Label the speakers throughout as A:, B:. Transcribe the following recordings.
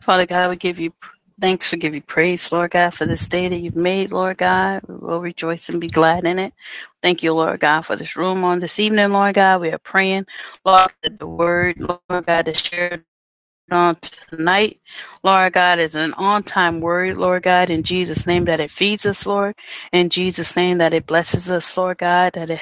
A: Father God, we give you thanks, we give you praise, Lord God, for this day that you've made, Lord God. We will rejoice and be glad in it. Thank you, Lord God, for this room on this evening, Lord God. We are praying, Lord, that the word, Lord God, is shared on tonight, Lord God, is an on time word, Lord God, in Jesus' name that it feeds us, Lord, in Jesus' name that it blesses us, Lord God, that it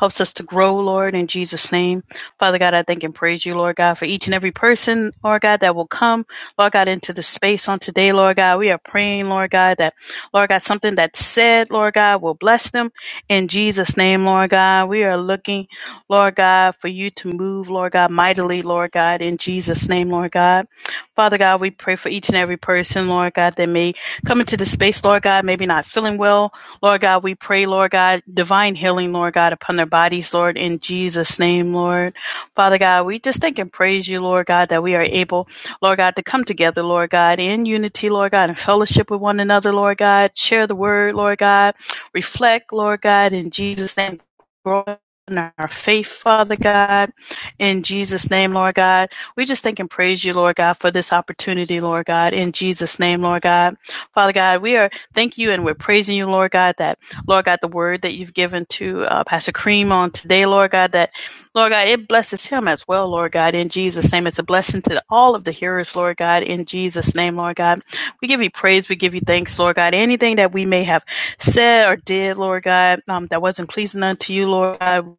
A: helps us to grow, Lord, in Jesus' name. Father God, I thank and praise you, Lord God, for each and every person, Lord God, that will come, Lord God, into the space on today, Lord God. We are praying, Lord God, that, Lord God, something that's said, Lord God, will bless them in Jesus' name, Lord God. We are looking Lord God, for you to move, Lord God, mightily, Lord God, in Jesus' name, Lord God. Father God, we pray for each and every person, Lord God, that may come into the space, Lord God, maybe not feeling well. Lord God, we pray, Lord God, divine healing, Lord God, upon their bodies, Lord, in Jesus' name, Lord. Father God, we just thank and praise you, Lord God, that we are able, Lord God, to come together, Lord God, in unity, Lord God, and fellowship with one another, Lord God, share the word, Lord God, reflect, Lord God, in Jesus' name grow in our faith, Father God, in Jesus' name, Lord God. We just thank and praise you, Lord God, for this opportunity, Lord God, in Jesus' name, Lord God. Father God, we are thank you and we're praising you, Lord God, that, Lord God, the word that you've given to uh, Pastor Cream on today, Lord God, that, Lord God, it blesses him as well, Lord God, in Jesus' name. It's a blessing to all of the hearers, Lord God, in Jesus' name, Lord God. We give you praise, we give you thanks, Lord God. Anything that we may have said or did, Lord God, um, that wasn't pleasing unto you, Lord God.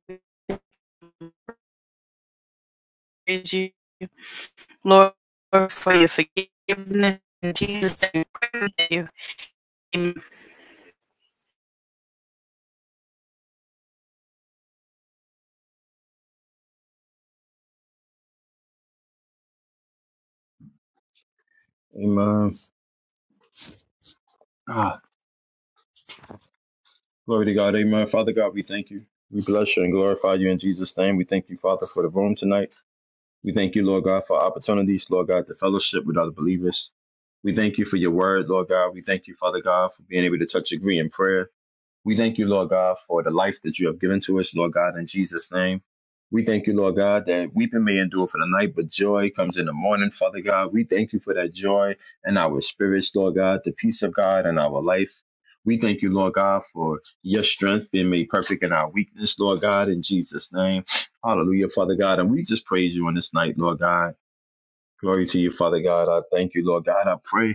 A: We praise you, Lord, for your forgiveness. In Jesus' name, I pray you. Amen.
B: Amen. Ah, glory to God. Amen. Father God, we thank you. We bless you and glorify you in Jesus' name. We thank you, Father, for the room tonight. We thank you, Lord God, for opportunities, Lord God, to fellowship with other believers. We thank you for your word, Lord God. We thank you, Father God, for being able to touch, agree in prayer. We thank you, Lord God, for the life that you have given to us, Lord God, in Jesus' name. We thank you, Lord God, that weeping may endure for the night, but joy comes in the morning, Father God. We thank you for that joy in our spirits, Lord God, the peace of God in our life. We thank you, Lord God, for your strength being made perfect in our weakness, Lord God, in Jesus' name. Hallelujah, Father God. And we just praise you on this night, Lord God. Glory to you, Father God. I thank you, Lord God. I pray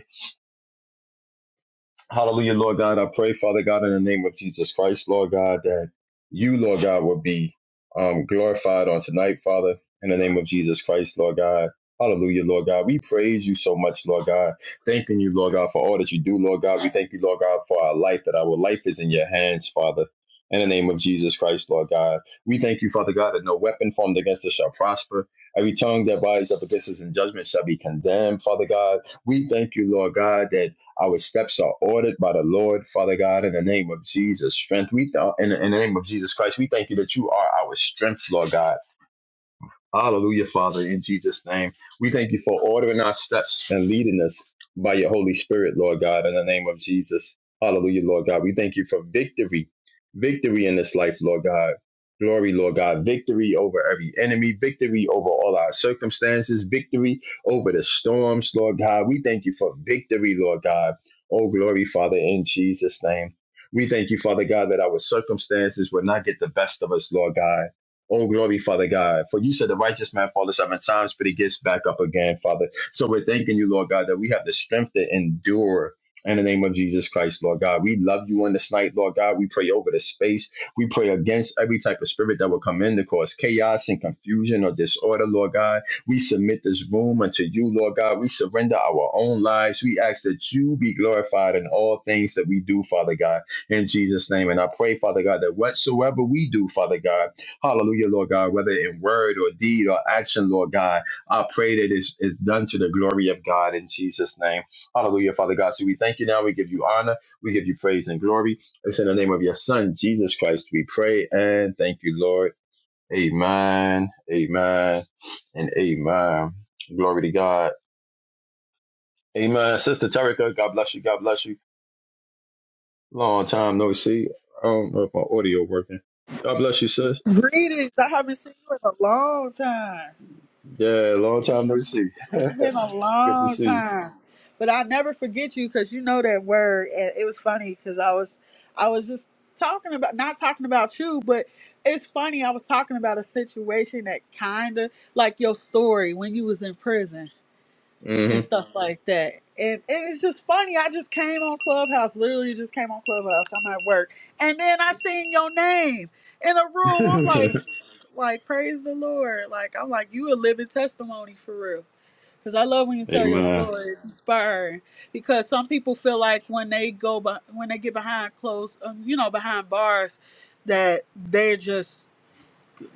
B: Hallelujah, Lord God. I pray, Father God, in the name of Jesus Christ, Lord God, that you, Lord God, will be um, glorified on tonight, Father, in the name of Jesus Christ, Lord God. Hallelujah, Lord God. We praise you so much, Lord God. Thanking you, Lord God, for all that you do, Lord God. We thank you, Lord God, for our life, that our life is in your hands, Father. In the name of Jesus Christ, Lord God. We thank you, Father God, that no weapon formed against us shall prosper. Every tongue that rises up against us in judgment shall be condemned, Father God. We thank you, Lord God, that our steps are ordered by the Lord, Father God, in the name of Jesus. Strength, we th- in, the- in the name of Jesus Christ, we thank you that you are our strength, Lord God. Hallelujah, Father, in Jesus' name. We thank you for ordering our steps and leading us by your Holy Spirit, Lord God, in the name of Jesus. Hallelujah, Lord God. We thank you for victory, victory in this life, Lord God. Glory, Lord God, victory over every enemy, victory over all our circumstances, victory over the storms, Lord God. We thank you for victory, Lord God. Oh, glory, Father, in Jesus' name. We thank you, Father God, that our circumstances will not get the best of us, Lord God. Oh, glory, Father God. For you said the righteous man falls seven times, but he gets back up again, Father. So we're thanking you, Lord God, that we have the strength to endure. In the name of Jesus Christ, Lord God, we love you on this night, Lord God. We pray over the space. We pray against every type of spirit that will come in to cause chaos and confusion or disorder, Lord God. We submit this room unto you, Lord God. We surrender our own lives. We ask that you be glorified in all things that we do, Father God, in Jesus' name. And I pray, Father God, that whatsoever we do, Father God, Hallelujah, Lord God, whether in word or deed or action, Lord God, I pray that it's, it's done to the glory of God in Jesus' name. Hallelujah, Father God. So we thank you now. We give you honor. We give you praise and glory. It's in the name of your Son, Jesus Christ, we pray and thank you, Lord. Amen, amen, and amen. Glory to God. Amen. Sister Tarika, God bless you. God bless you. Long time no see. I don't know if my audio working. God bless you, sis.
C: Greetings. I haven't seen you in a long time.
B: Yeah, long time no see.
C: It's been
B: Good
C: a
B: to
C: long
B: see you.
C: time. But I'll never forget you because you know that word. And it was funny because I was I was just talking about not talking about you, but it's funny, I was talking about a situation that kinda like your story when you was in prison
B: hmm
C: and stuff like that. And, and it's just funny. I just came on Clubhouse, literally just came on Clubhouse. I'm at work, and then I seen your name in a room. I'm like, like praise the Lord. Like I'm like you a living testimony for real. Cause I love when you tell your
B: Amen.
C: story. It's inspiring. Because some people feel like when they go, by, when they get behind closed, um, you know, behind bars, that they're just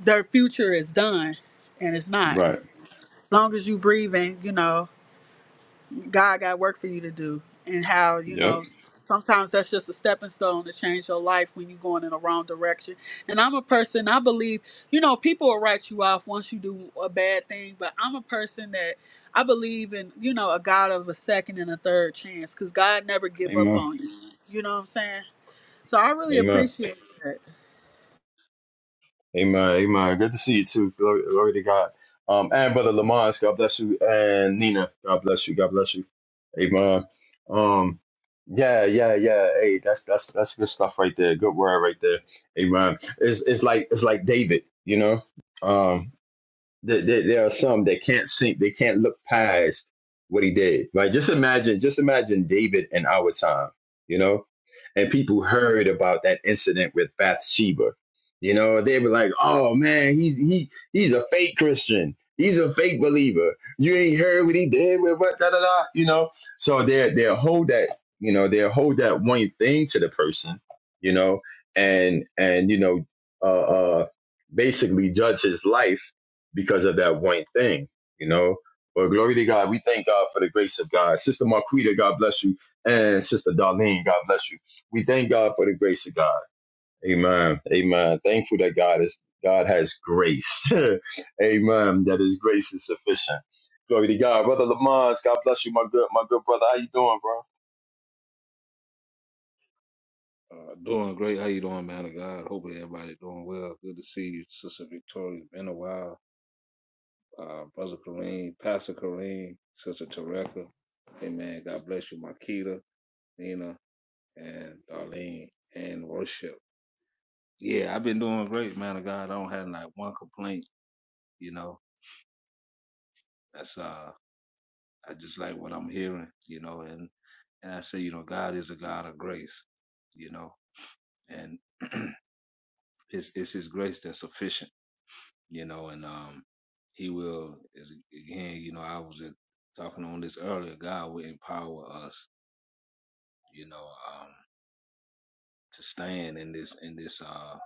C: their future is done, and it's not.
B: Right.
C: As long as you breathing, you know, God got work for you to do, and how you
B: Yep.
C: know sometimes that's just a stepping stone to change your life when you're going in the wrong direction. And I'm a person I believe you know people will write you off once you do a bad thing, but I'm a person that I believe in you know a God of a second and a third chance because God never give up
B: Amen.
C: on you. You know what I'm saying? So I really
B: Amen.
C: appreciate that.
B: Amen. Amen. Good to see you too. Glory, glory to God. Um, and Brother Lamont, God bless you. And Nina, God bless you. God bless you. Amen. Um, yeah, yeah, yeah. Hey, that's that's that's good stuff right there. Good word right there. Amen. It's it's like it's like David, you know. Um. there, there, there are some that can't think, they can't look past what he did, right? Just imagine, just imagine David in our time, you know, and people heard about that incident with Bathsheba. You know, they were like, "Oh man, he he he's a fake Christian. He's a fake believer. You ain't heard what he did with what da da da." You know, so they they hold that you know they hold that one thing to the person, you know, and and you know, uh, uh basically judge his life because of that one thing, you know. But glory to God, we thank God for the grace of God. Sister Marquita, God bless you, and Sister Darlene, God bless you. We thank God for the grace of God. Amen. Amen. Thankful that God is God has grace. Amen. That His grace is sufficient. Glory to God, brother Lamont. God bless you, my good, my good brother. How you doing, bro?
D: Uh, doing great. How you doing, man of God? Hopefully everybody doing well. Good to see you, Sister Victoria. It's Been a while. Uh, Brother Kareem, Pastor Kareem, Sister Tereka. Amen. God bless you, Makita, Nina, and Darlene, and worship. Yeah, I've been doing great, man of God. I don't have like one complaint, you know. That's uh I just like what I'm hearing, you know, and, and I say, you know, God is a God of grace, you know, and it's it's his grace that's sufficient you know, and um, He will is again, you know, I was uh, talking on this earlier. God will empower us, you know, um, to stand in this in this uh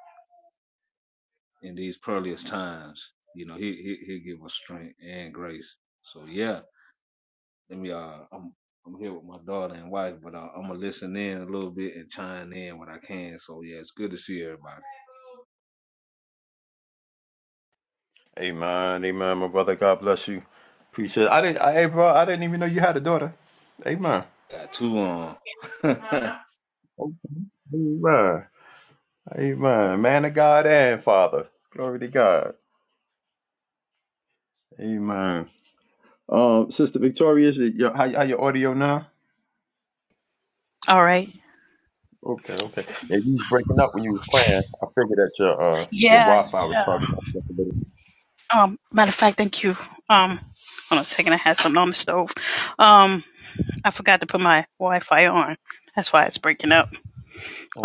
D: in these perilous times. You know, He He He give us strength and grace. So yeah, let me uh, I'm I'm here with my daughter and wife, but uh, I'm gonna listen in a little bit and chime in when I can. So yeah, it's good to see everybody.
B: Amen. Amen, my brother. God bless you. Appreciate. It. I didn't. I, hey, bro. I didn't even know you had a daughter. Amen.
D: Got two on.
B: Amen. Amen. Man of God and Father. Glory to God. Amen. Um, Sister Victoria, is it your, how, how your audio now?
A: All right.
B: Okay, okay. Yeah, you was breaking up when you was praying. I figured that your uh your
A: Yeah,
B: Wi-Fi was
A: yeah.
B: probably messed up a little.
A: Um, matter of fact, thank you. Um, hold on a second. I had something on the stove. Um, I forgot to put my Wi-Fi on. That's why it's breaking up.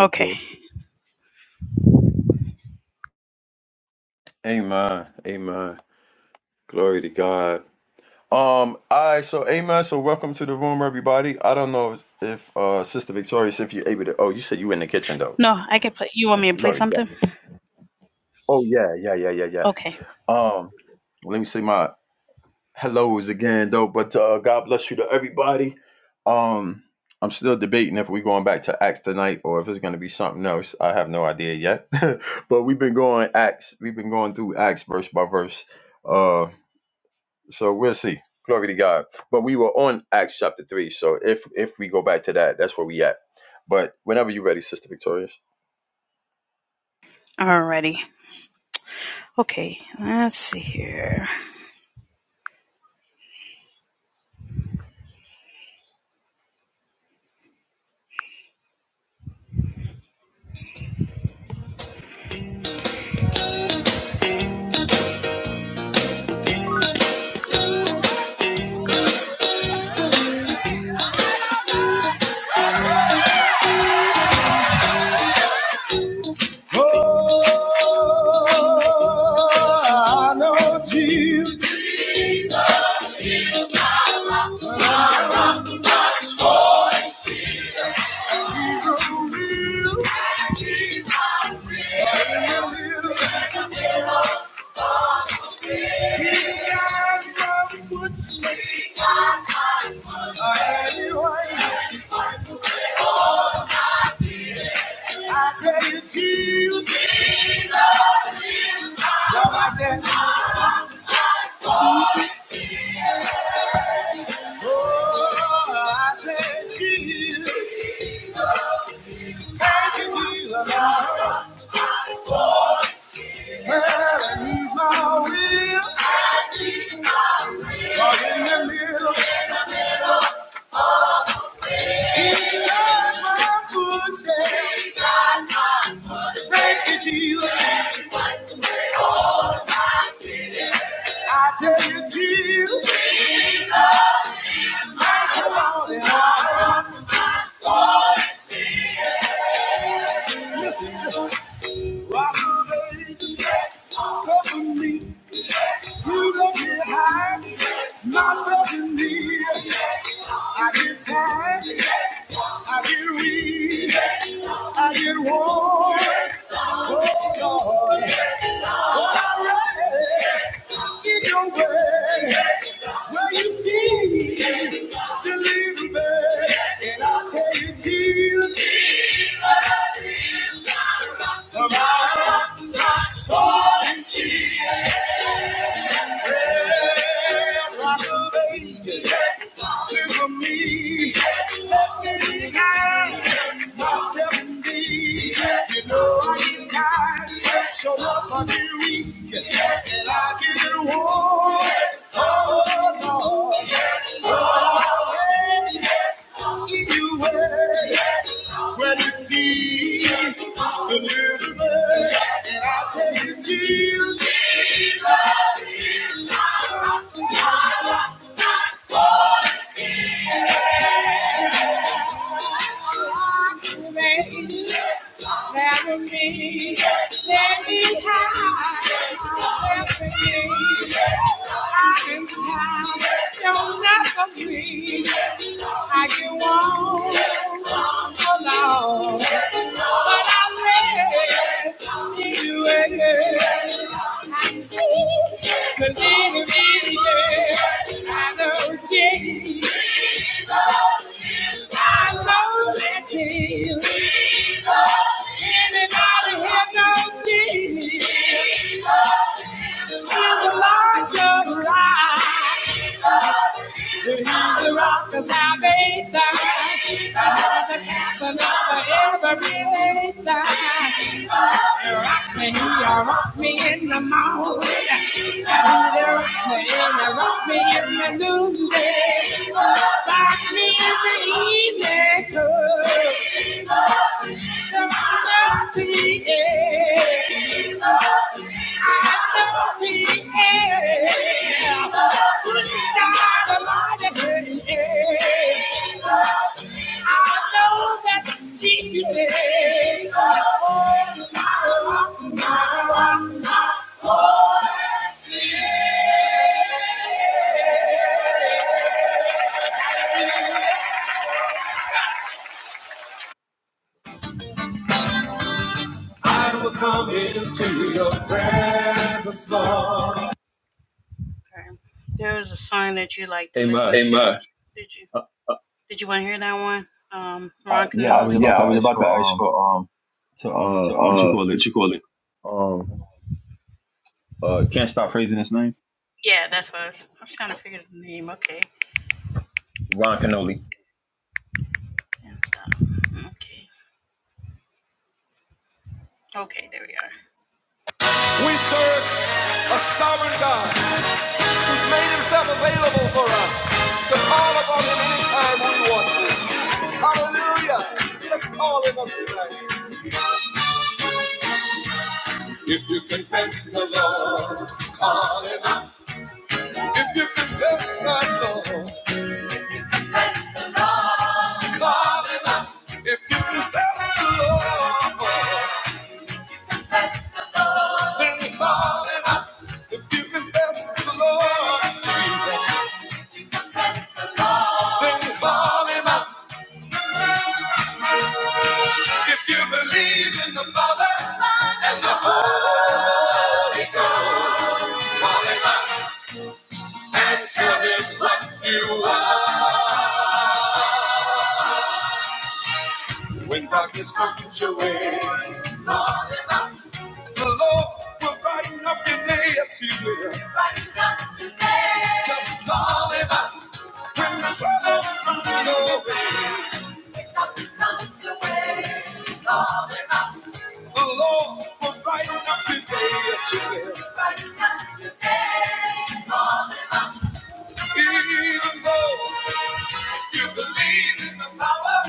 A: Okay.
B: Amen. Amen. Glory to God. Um, all right, so amen. So welcome to the room, everybody. I don't know if uh Sister Victoria, if you're able to oh, you said you were in the kitchen though.
A: No, I can play. You want me to play
B: Glory to God.
A: something?
B: Oh yeah, yeah, yeah, yeah, yeah.
A: Okay.
B: Um, let me see my hellos again though but uh god bless you to everybody um i'm still debating if we're going back to acts tonight or if it's going to be something else i have no idea yet but we've been going acts we've been going through acts verse by verse uh so we'll see glory to god but we were on acts chapter 3 so if if we go back to that that's where we at but whenever you're ready sister victorious
A: Alrighty. Okay. Let's see here. Oh, I know Jesus is real, real. He got my foot. Anyway, I tell you, Jesus, love like that. Oh, I said, Jesus, thank you, Jesus. Well, and he's my will, all in the middle. He guides my footsteps. He guides my footsteps. Thank you, Jesus. I tell you, Jesus. Come on and on. Listen, listen. Rock the baby, cover me. You don't get high, myself in me. I get tired, I get weak, I get worn. Oh Lord, alright, in your way, where you feel, deliver me, and i tell you Jesus. The rock of my soul, la, solitude. Yeah, rock of ages. Live with me. Let me hide myself in thee. You know I get tired, so rough I get weak, and I get worn. Oh Lord, Lord, I you you. When you feel the living and I tell you, Jesus, Jesus is my rock, my rock, my soul. I want to be never me, every time, every I am tired. Don't me. I get walk alone. But I'm ready to do it. The little bit of I know Jane. I know that Jesus in and out of here no Jesus is the Lord your life. He's the rock of salvation. He's the captain of every nation. Rock me, you rock me in the morning. You rock me, you rock me in the noonday. Rock me in the evening, too. So rock me, yeah. I love me, yeah. Good God Almighty, yeah. I will come into your presence, Lord. Okay. There's a song that you like to listen
B: Amen.
A: hey, to. Amen. Did you
B: uh,
A: did you want to hear that one? Um,
B: uh,
A: Ron Canoli. Uh,
B: yeah i was about
A: yeah, I
B: to
A: was
B: ask
A: about to
B: for
A: ask
B: um
A: for um,
B: to uh
A: to,
B: what you
A: uh,
B: call it
A: what you call it?
B: um uh can't stop praising his name
A: Yeah, that's what I was. I was trying to figure the name. Okay.
B: ron canoli
A: and stuff. Okay. Okay, there we are. We serve a sovereign God who's made himself available for us to call upon him anytime we want to. Hallelujah. Let's call him up tonight. If you confess the Lord, call him up. If you confess the Lord, call him up. If you confess the Lord, then call him up. If you confess the Lord, then call him up. If you believe in the Father, Son, and the Holy Ghost, and tell him what you are when darkness comes your way. call him up. The Lord will brighten up your day, yes, He will. Brighten up your day. Just call him up when troubles come your way. When darkness comes your way, call him up. The Lord will brighten up your day, yes, He will. We're Brighten up your Lord. Even though you believe in the power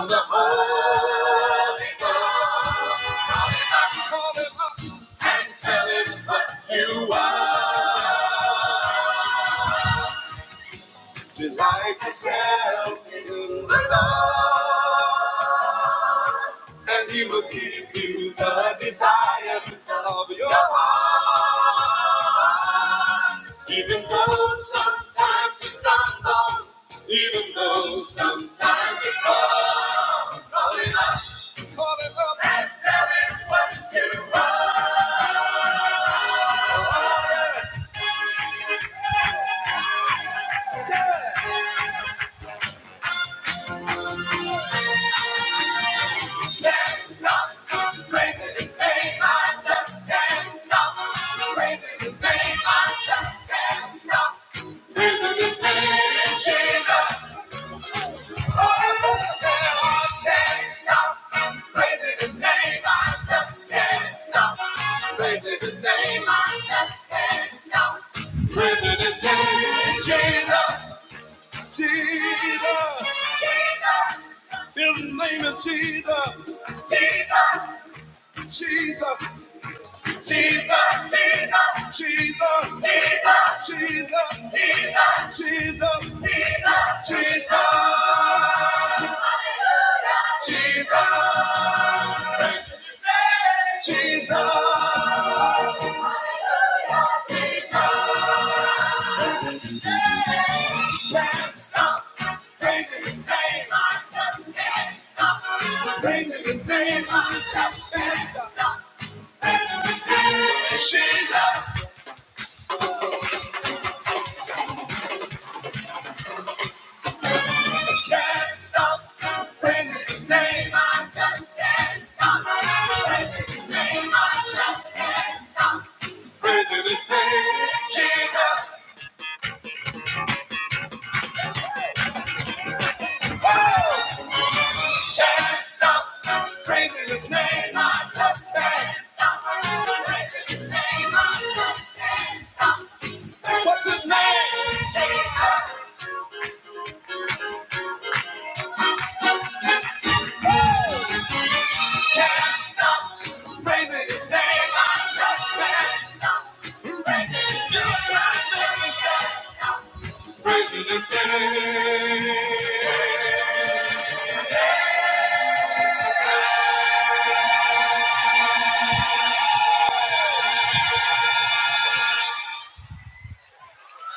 A: of the Holy Ghost, call Him up and tell Him what you are. Delight yourself in the Lord. and he will give you the desires of your heart. Even though sometimes we stumble, even though sometimes we fall, call it up, call it up, and tell it what you are. Yeah. Can't stop praising His name. I just can't stop praising His name. I just can't stop praising His name. Jesus, oh, I can't stop praising His name. I just can't stop praising His name. I just can't stop praising His name. Jesus, Jesus, Jesus. His name is Jesus. Jesus. Jesus. Jesus. Jesus. Jesus. Jesus. Jesus. Jesus. Jesus. Jesus. Jesus. Jesus. Can't stop praising his name. I just can't stop praising his name. I just can't stop. Jesus can't stop praising his name. I just can't stop praising his name. I just can't stop praising his name. Jesus can't stop praising his name. I just can't stop praising his name. I just can't stop. What's his name? Jesus can't stop praising his name. I just can't.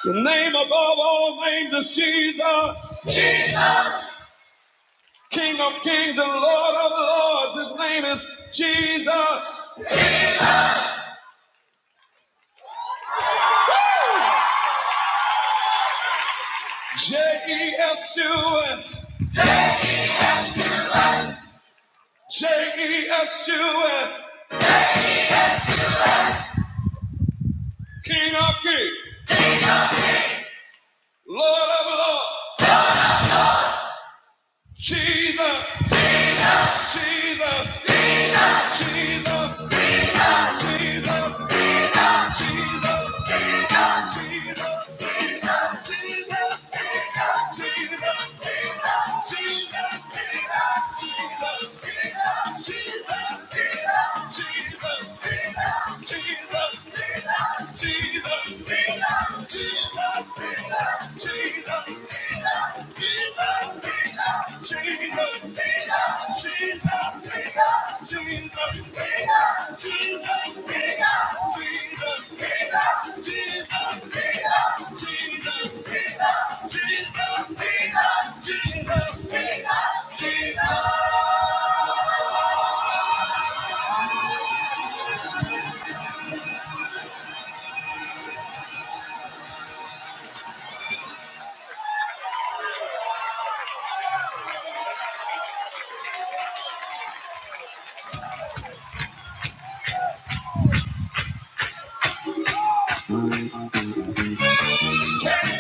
A: The name above all names is Jesus, King of kings and Lord of lords. His name is Jesus. J E S U S. J E S U S. King of kings, Lord of lords. Jesus, Jesus, Jesus, Jesus. of Jesus, King of Jesus, King of Jesus, King of Jesus, King of Jesus, King of Jesus, King of Jesus, King of Jesus, King of Jesus, King of Jesus, King of Jesus, King of Jesus. King of Jesus. Can't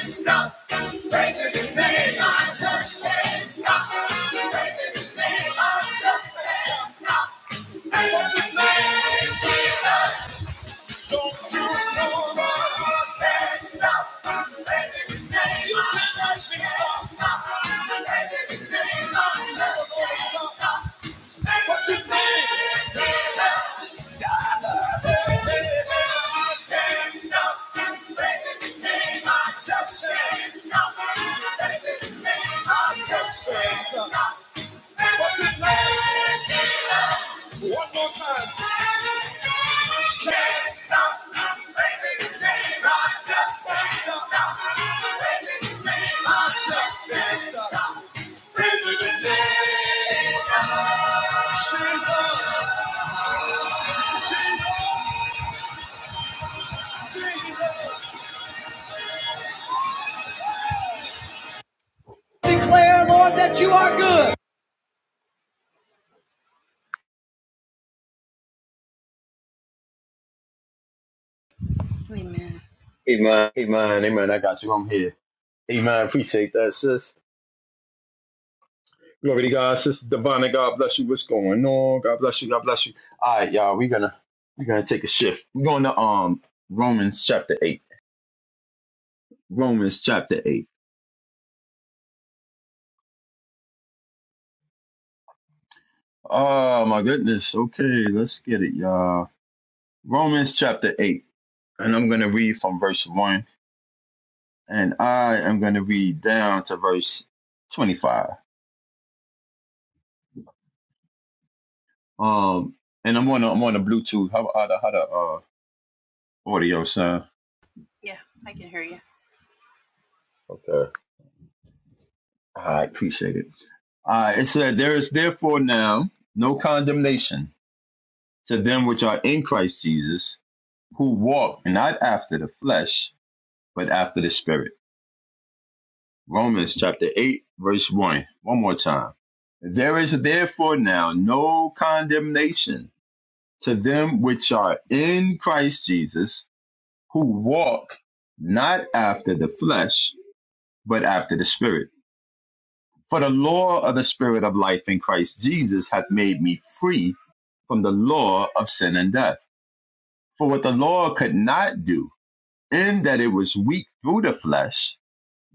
A: stop praising his name. I just can't stop praising his name. I just can't stop. What's his name? Jesus. Don't you know that I can't stop? I'm I'm can't stop. I'm I just can't stop. I'm praising His name. I can't stop. Amen.
B: Amen. Amen. I got you. I'm here. Amen. Appreciate that, sis. Glory to God, sister Divine. God bless you. What's going on? God bless you. God bless you. All right, y'all. We're gonna we're gonna take a shift. We're going to um Romans chapter eight. Romans chapter eight. Oh my goodness. Okay, let's get it, y'all. Romans chapter eight, and I'm gonna read from verse one, and I am gonna read down to verse twenty-five. Um, and I'm on a, I'm on a Bluetooth. How how the how the uh audio sound?
A: Yeah, I can hear you.
B: Okay. I appreciate it. Uh, it said, There is therefore now no condemnation to them which are in Christ Jesus, who walk not after the flesh, but after the Spirit. Romans chapter 8, verse 1. One more time. There is therefore now no condemnation to them which are in Christ Jesus, who walk not after the flesh, but after the Spirit. For the law of the Spirit of life in Christ Jesus hath made me free from the law of sin and death. For what the law could not do, in that it was weak through the flesh,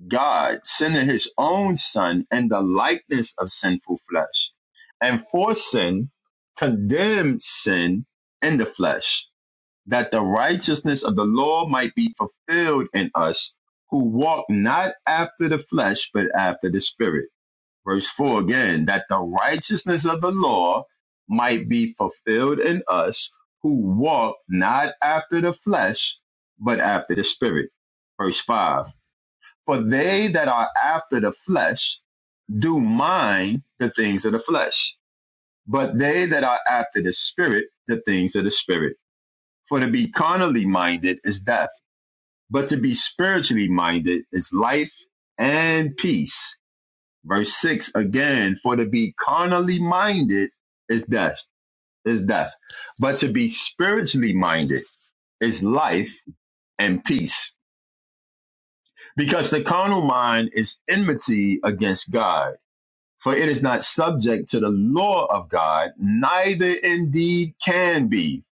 B: God, sending his own Son in the likeness of sinful flesh, and for sin, condemned sin in the flesh, that the righteousness of the law might be fulfilled in us who walk not after the flesh, but after the Spirit verse 4 again, that the righteousness of the law might be fulfilled in us who walk not after the flesh, but after the Spirit. Verse 5 For they that are after the flesh do mind the things of the flesh, but they that are after the Spirit, the things of the Spirit. For to be carnally minded is death, but to be spiritually minded is life and peace Verse 6 again, for to be carnally minded is death, is death. But to be spiritually minded is life and peace. Because the carnal mind is enmity against God, for it is not subject to the law of God, neither indeed can be.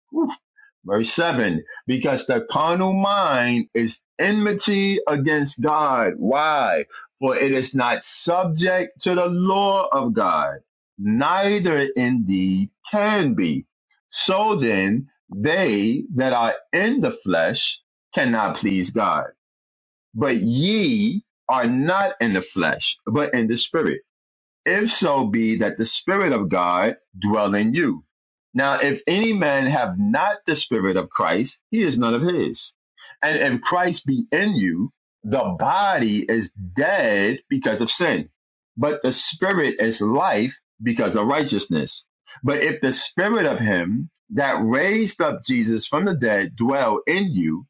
B: Verse 7 Because the carnal mind is enmity against God. Why? For it is not subject to the law of God, neither indeed can be. So then, they that are in the flesh cannot please God. But ye are not in the flesh, but in the spirit if so be that the Spirit of God dwell in you. Now, if any man have not the Spirit of Christ, he is none of his. And if Christ be in you, the body is dead because of sin, but the Spirit is life because of righteousness. But if the Spirit of him that raised up Jesus from the dead dwell in you,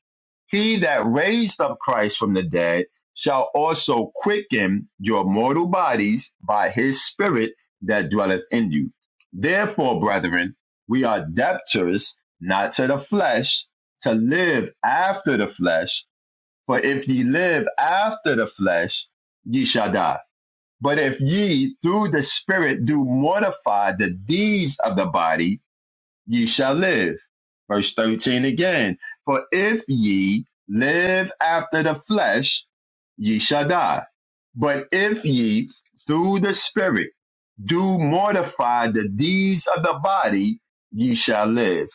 B: he that raised up Christ from the dead shall also quicken your mortal bodies by his spirit that dwelleth in you. Therefore, brethren, we are debtors not to the flesh to live after the flesh. For if ye live after the flesh, ye shall die. But if ye through the spirit do mortify the deeds of the body, ye shall live. Verse 13 again. For if ye live after the flesh, ye shall die. But if ye through the Spirit do mortify the deeds of the body, ye shall live.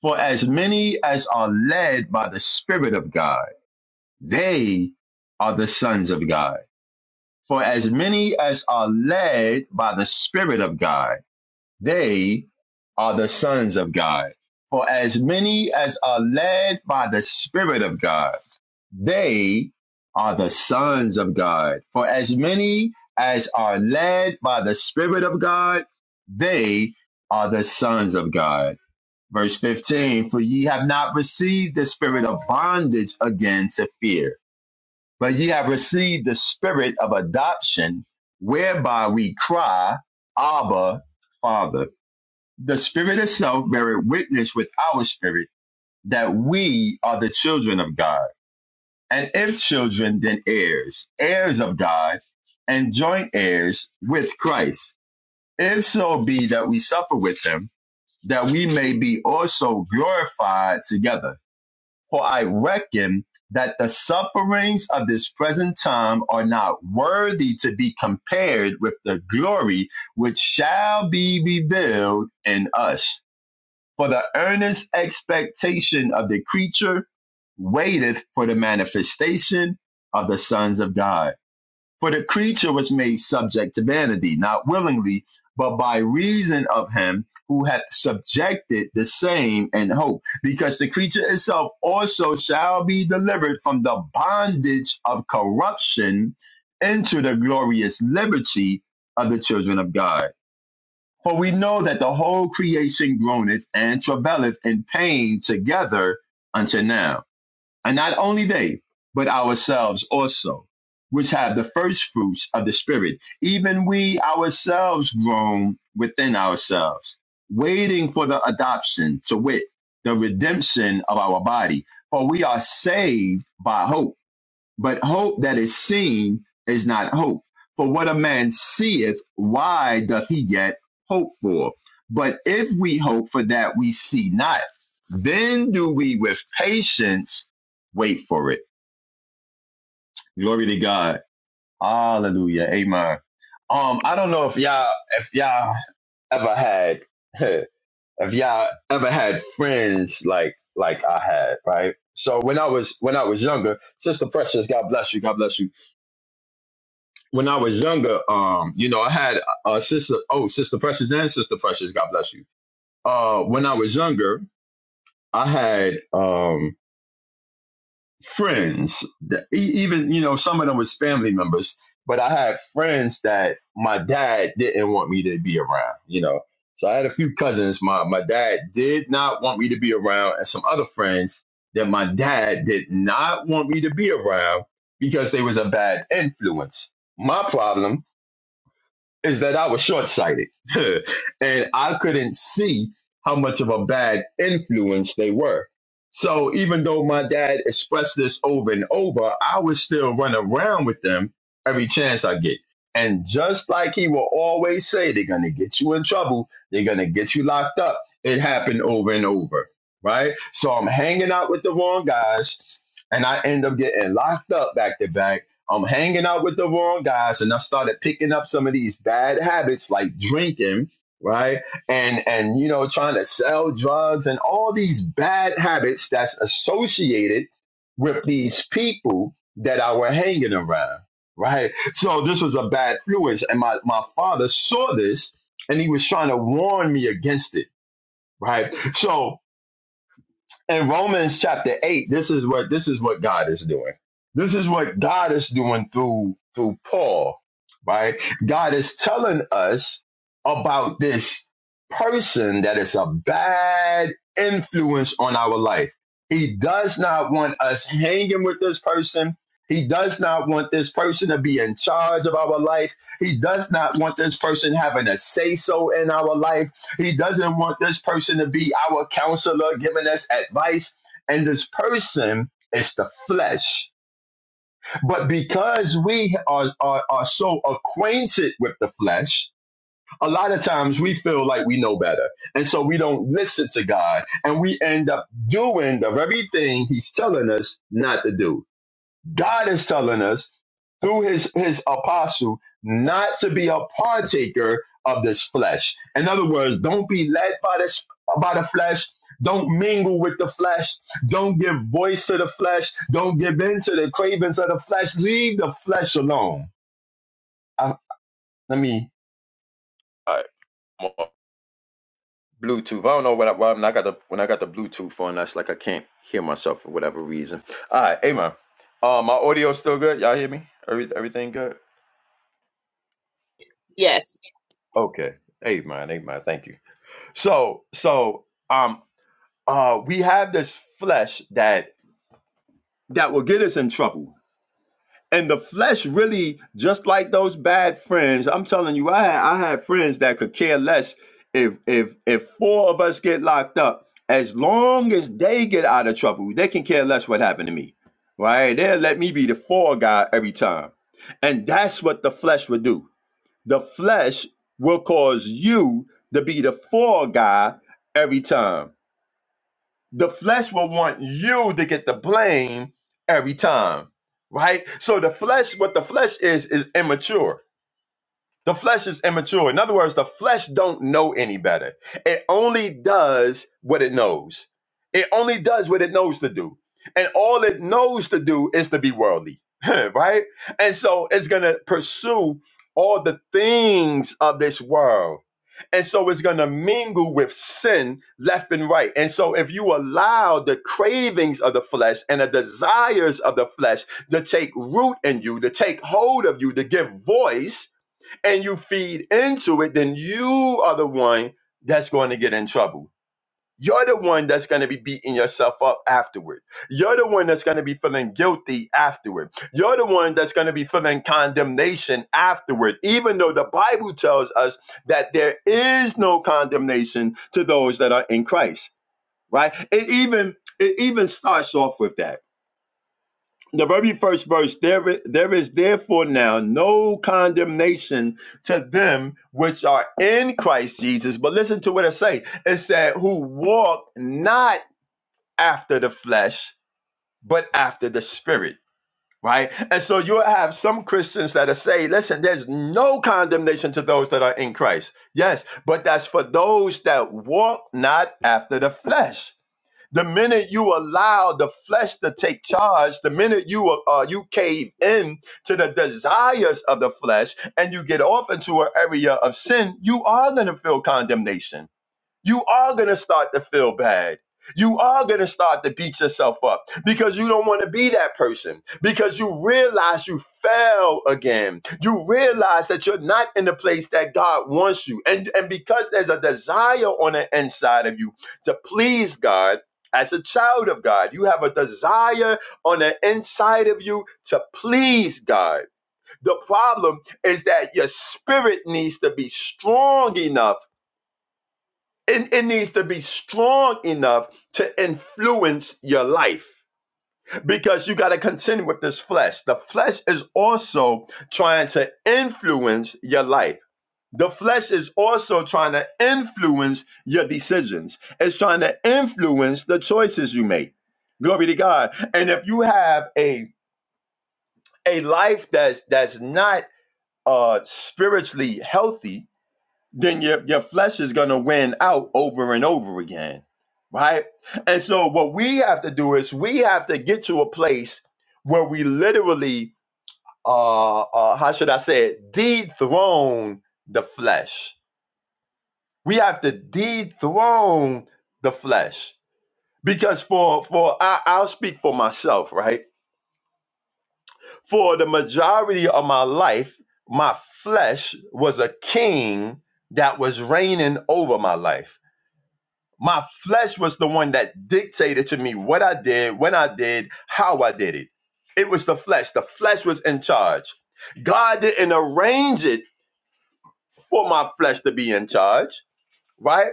B: For as many as are led by the Spirit of God, they are the sons of God. For as many as are led by the Spirit of God, They are the sons of God. For as many as are led by the Spirit of God, they are the sons of God. For as many as are led by the Spirit of God, they are the sons of God. Verse 15, for ye have not received the spirit of bondage again to fear, but ye have received the spirit of adoption, whereby we cry, Abba, Father the spirit itself beareth witness with our spirit that we are the children of God. And if children, then heirs, heirs of God, and joint heirs with Christ. If so be that we suffer with him, that we may be also glorified together. For I reckon that the sufferings of this present time are not worthy to be compared with the glory which shall be revealed in us. For the earnest expectation of the creature waiteth for the manifestation of the sons of God. For the creature was made subject to vanity, not willingly, but by reason of him who hath subjected the same in hope, because the creature itself also shall be delivered from the bondage of corruption into the glorious liberty of the children of God. For we know that the whole creation groaneth and travaileth in pain together unto now. And not only they, but ourselves also, which have the first fruits of the Spirit, even we ourselves groan within ourselves, waiting for the adoption, to wit, the redemption of our body. For we are saved by hope. But hope that is seen is not hope. For what a man seeth, why doth he yet hope for? But if we hope for that we see not, then do we with patience wait for it. Glory to God. Hallelujah. Amen. Um, I don't know if y'all if y'all ever had if y'all ever had friends like like I had, right? So when I was when I was younger, Sister Precious, God bless you, God bless you when I was younger, um, you know, I had a sister. Oh, sister Precious and sister Precious, God bless you. Uh, when I was younger, I had um friends. That, e- even you know, some of them was family members, but I had friends that my dad didn't want me to be around. You know, so I had a few cousins. My my dad did not want me to be around, and some other friends that my dad did not want me to be around because they was a bad influence. My problem is that I was short sighted and I couldn't see how much of a bad influence they were. So even though my dad expressed this over and over, I would still run around with them every chance I get. And just like he will always say, they're going to get you in trouble, they're going to get you locked up. It happened over and over, right? So I'm hanging out with the wrong guys and I end up getting locked up back to back I'm hanging out with the wrong guys and I started picking up some of these bad habits like drinking, right? And and you know trying to sell drugs and all these bad habits that's associated with these people that I were hanging around, right? So this was a bad influence and my my father saw this and he was trying to warn me against it, right? So in Romans chapter 8, this is what this is what God is doing. This is what God is doing through through Paul, right? God is telling us about this person that is a bad influence on our life. He does not want us hanging with this person. He does not want this person to be in charge of our life. He does not want this person having a say so in our life. He doesn't want this person to be our counselor, giving us advice. And this person is the flesh. But because we are, are, are so acquainted with the flesh, a lot of times we feel like we know better. And so we don't listen to God. And we end up doing the very thing He's telling us not to do. God is telling us through his his apostle not to be a partaker of this flesh. In other words, don't be led by this by the flesh. Don't mingle with the flesh. Don't give voice to the flesh. Don't give in to the cravings of the flesh. Leave the flesh alone. I, let me. All right, well, Bluetooth. I don't know what I, why i got the when I got the Bluetooth on. That's like I can't hear myself for whatever reason. All right, Amen. Um, my audio still good. Y'all hear me? Every, everything good? Okay. Amen. Amen. Thank you. So, so um uh we have this flesh that that will get us in trouble. And the flesh really just like those bad friends. I'm telling you, I had I had friends that could care less if if if four of us get locked up, as long as they get out of trouble, they can care less what happened to me. Right? They'll let me be the fall guy every time. And that's what the flesh would do the flesh will cause you to be the fall guy every time. The flesh will want you to get the blame every time, right? So the flesh, what the flesh is, is immature the flesh is immature. In other words, the flesh don't know any better. It only does what it knows. It only does what it knows to do. And all it knows to do is to be worldly. right? And so it's going to pursue all the things of this world. And so it's going to mingle with sin left and right. And so if you allow the cravings of the flesh and the desires of the flesh to take root in you, to take hold of you, to give voice, and you feed into it, then you are the one that's going to get in trouble. You're the one that's going to be beating yourself up afterward. You're the one that's going to be feeling guilty afterward. You're the one that's going to be feeling condemnation afterward, even though the Bible tells us that there is no condemnation to those that are in Christ, right? It even it even starts off with that the very first verse there i- there is therefore now no condemnation to them which are in Christ Jesus but listen to what it say it said who walk not after the flesh but after the spirit right and so you'll have some christians that are say listen there's no condemnation to those that are in christ yes but that's for those that walk not after the flesh the minute you allow the flesh to take charge, the minute you uh, you cave in to the desires of the flesh and you get off into an area of sin, you are going to feel condemnation you are going to start to feel bad. You are going to start to beat yourself up because you don't want to be that person because you realize you fell again. You realize that you're not in the place that God wants you. And, and because there's a desire on the inside of you to please God as a child of God, you have a desire on the inside of you to please God. The problem is that your spirit needs to be strong enough it, it needs to be strong enough to influence your life because you got to contend with this flesh. The flesh is also trying to influence your life. The flesh is also trying to influence your decisions. It's trying to influence the choices you make. Glory to God. And if you have a a life that's that's not uh spiritually healthy, then your, your flesh is going to win out over and over again, right? And so, what we have to do is we have to get to a place where we literally, uh, uh, how should I say it, dethrone the flesh. We have to dethrone the flesh because for for I, I'll speak for myself, right? For the majority of my life, my flesh was a king that was reigning over my life My flesh was the one that dictated to me what I did, when I did, how I did it. It was the flesh. The flesh was in charge. God didn't arrange it for my flesh to be in charge, right?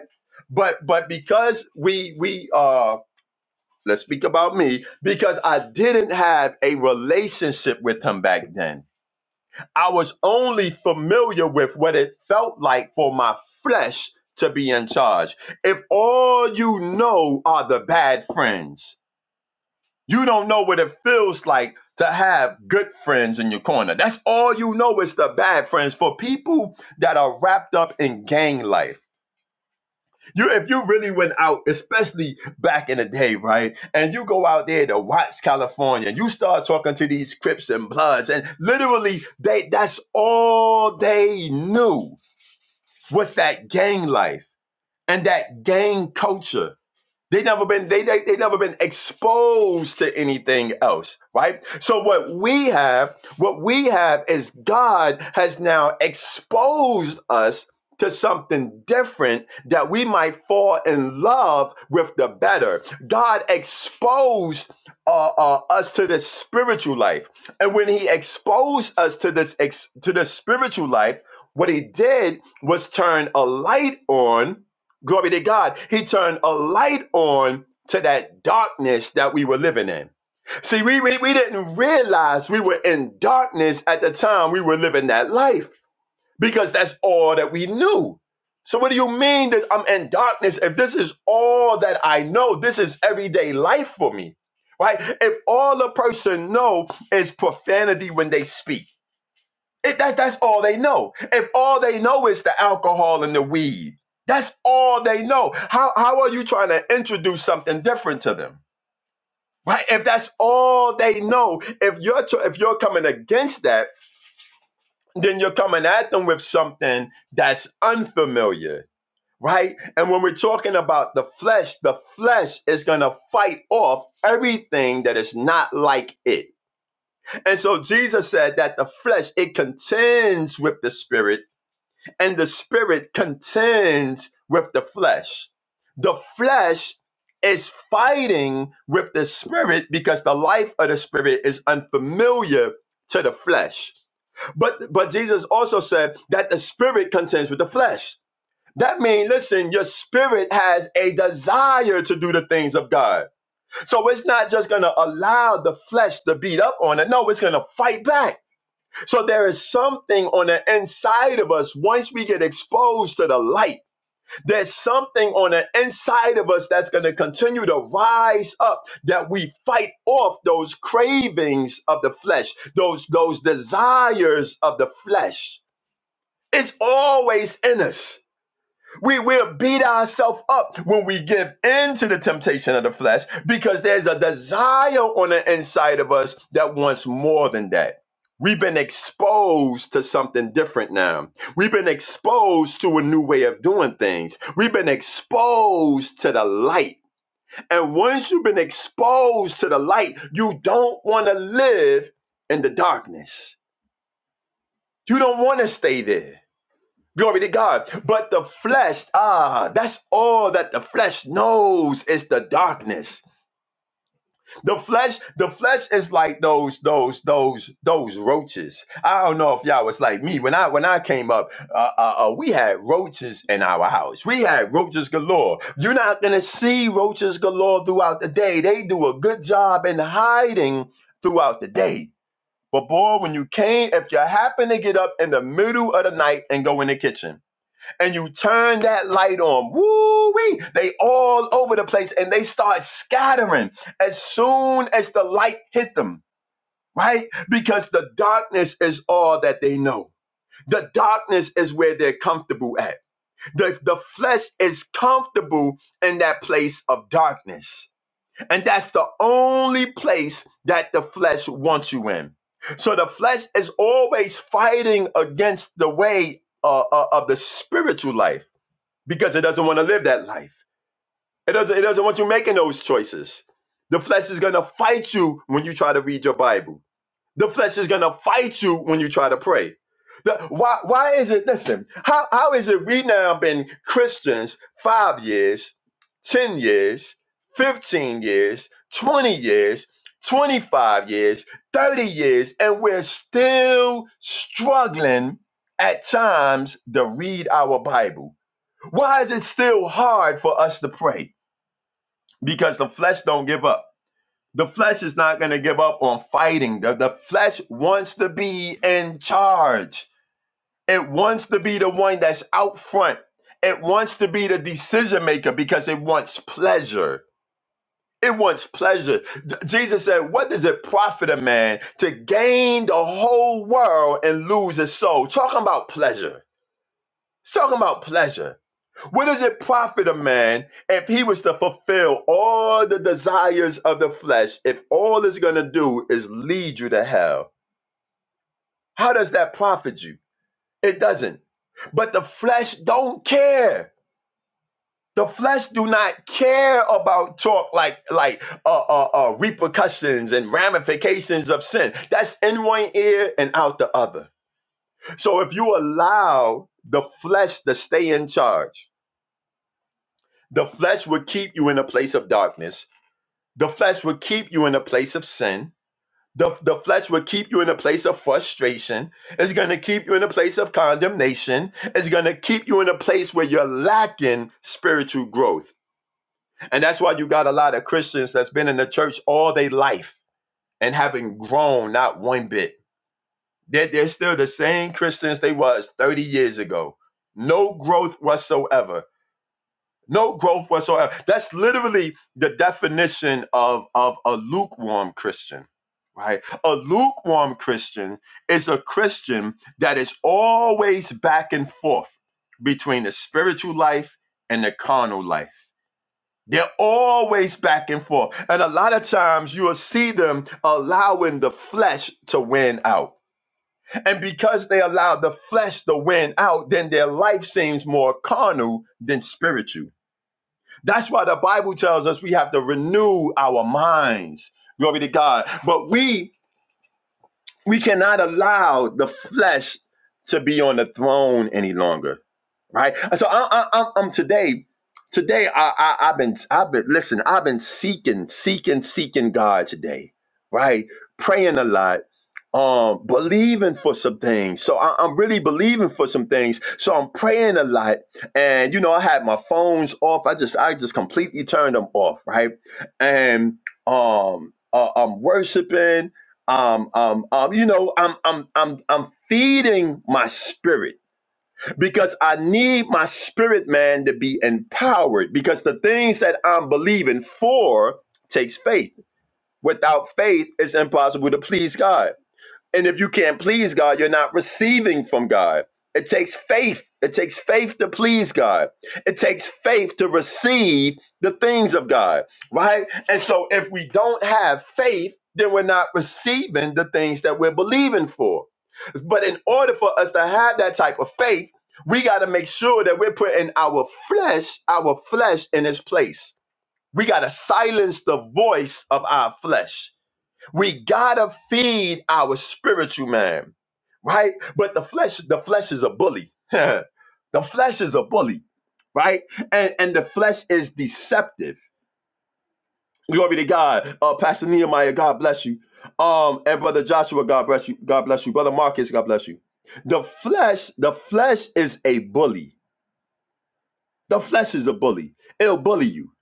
B: But but because we we uh let's speak about me because I didn't have a relationship with him back then. I was only familiar with what it felt like for my flesh to be in charge. If all you know are the bad friends, you don't know what it feels like to have good friends in your corner. That's all you know is the bad friends for people that are wrapped up in gang life. You, if you really went out, especially back in the day, right, and you go out there to Watts, California, and you start talking to these Crips and Bloods, and literally they—that's all they knew was that gang life and that gang culture. They never been they, they they never been exposed to anything else, right? So what we have, what we have is God has now exposed us to something different that we might fall in love with the better. God exposed uh, uh, us to this spiritual life, and when He exposed us to this ex- to this spiritual life, what He did was turn a light on Glory to God. He turned a light on to that darkness that we were living in. See, we, we, we didn't realize we were in darkness at the time we were living that life because that's all that we knew. So, what do you mean that I'm in darkness if this is all that I know? This is everyday life for me, right? If all a person know is profanity when they speak it, that, that's all they know. If all they know is the alcohol and the weed, that's all they know. How, how are you trying to introduce something different to them? Right? If that's all they know, if you're tr- if you're coming against that, then you're coming at them with something that's unfamiliar, right? And when we're talking about the flesh, the flesh is going to fight off everything that is not like it. And so Jesus said that the flesh it contends with the spirit and the spirit contends with the flesh. The flesh is fighting with the spirit because the life of the spirit is unfamiliar to the flesh. But but Jesus also said that the spirit contends with the flesh. That means, listen, your spirit has a desire to do the things of God. So it's not just going to allow the flesh to beat up on it. No, it's going to fight back so there is something on the inside of us once we get exposed to the light. There's something on the inside of us that's going to continue to rise up that we fight off those cravings of the flesh, those those desires of the flesh. It's always in us. We will beat ourselves up when we give in to the temptation of the flesh because there's a desire on the inside of us that wants more than that. We've been exposed to something different now. We've been exposed to a new way of doing things. We've been exposed to the light. And once you've been exposed to the light, you don't want to live in the darkness. You don't want to stay there. Glory to God. But the flesh, ah, that's all that the flesh knows is the darkness. The flesh, the flesh is like those, those, those, those roaches. I don't know if y'all was like me when I when I came up. Uh, uh, uh, we had roaches in our house. We had roaches galore. You're not gonna see roaches galore throughout the day. They do a good job in hiding throughout the day. But boy, when you came, if you happen to get up in the middle of the night and go in the kitchen and you turn that light on. Woo wee! They all over the place and they start scattering as soon as the light hit them, right? Because the darkness is all that they know. The darkness is where they're comfortable at. The, the flesh is comfortable in that place of darkness. And that's the only place that the flesh wants you in. So the flesh is always fighting against the way uh, uh, of the spiritual life because it doesn't want to live that life. It doesn't, it doesn't want you making those choices. The flesh is going to fight you when you try to read your Bible. The flesh is going to fight you when you try to pray. The- why, why is it, listen, how, how is it we now been Christians five years, 10 years, 15 years, 20 years, 25 years, 30 years, and we're still struggling at times to read our Bible? Why is it still hard for us to pray? Because the flesh don't give up. The flesh is not going to give up on fighting. The, the flesh wants to be in charge. It wants to be the one that's out front. It wants to be the decision maker because it wants pleasure. It wants pleasure. J- Jesus said, What does it profit a man to gain the whole world and lose his soul? Talking about pleasure. It's talking about pleasure What does it profit a man if he was to fulfill all the desires of the flesh, if all it's going to do is lead you to hell? How does that profit you? It doesn't. But the flesh don't care. The flesh do not care about talk like like uh, uh, uh, repercussions and ramifications of sin. That's in one ear and out the other. So if you allow the flesh to stay in charge, the flesh would keep you in a place of darkness The flesh will keep you in a place of sin. The, the flesh will keep you in a place of frustration. It's going to keep you in a place of condemnation. It's going to keep you in a place where you're lacking spiritual growth. And that's why you got a lot of Christians that's been in the church all their life and haven't grown not one bit. They're, they're still the same Christians they was 30 years ago. No growth whatsoever No growth whatsoever. That's literally the definition of, of a lukewarm Christian, right? A lukewarm Christian is a Christian that is always back and forth between the spiritual life and the carnal life. They're always back and forth. And a lot of times you'll see them allowing the flesh to win out. And because they allow the flesh to win out, then their life seems more carnal than spiritual that's why the Bible tells us we have to renew our minds. Glory to God. But we we cannot allow the flesh to be on the throne any longer right? So I, I, I'm, I'm today, today I, I, I've been, I've been, listen, I've been seeking, seeking, seeking God today, right? Praying a lot, um, believing for some things. So I, I'm really believing for some things. So I'm praying a lot, and you know, I had my phones off. I just, I just completely turned them off, right? And um, uh, I'm worshiping. Um, um, um, you know, I'm, I'm, I'm, I'm feeding my spirit because I need my spirit man to be empowered because the things that I'm believing for takes faith. Without faith, it's impossible to please God. And if you can't please God, you're not receiving from God. It takes faith. It takes faith to please God. It takes faith to receive the things of God, right? And so if we don't have faith, then we're not receiving the things that we're believing for. But in order for us to have that type of faith, we got to make sure that we're putting our flesh, our flesh in its place. We got to silence the voice of our flesh. We got to feed our spiritual man, right? But the flesh, the flesh is a bully. the flesh is a bully, right? And and the flesh is deceptive Glory to God. Uh, Pastor Nehemiah, God bless you. Um, and brother Joshua, God bless you. God bless you. Brother Marcus, God bless you. The flesh, the flesh is a bully. The flesh is a bully. It'll bully you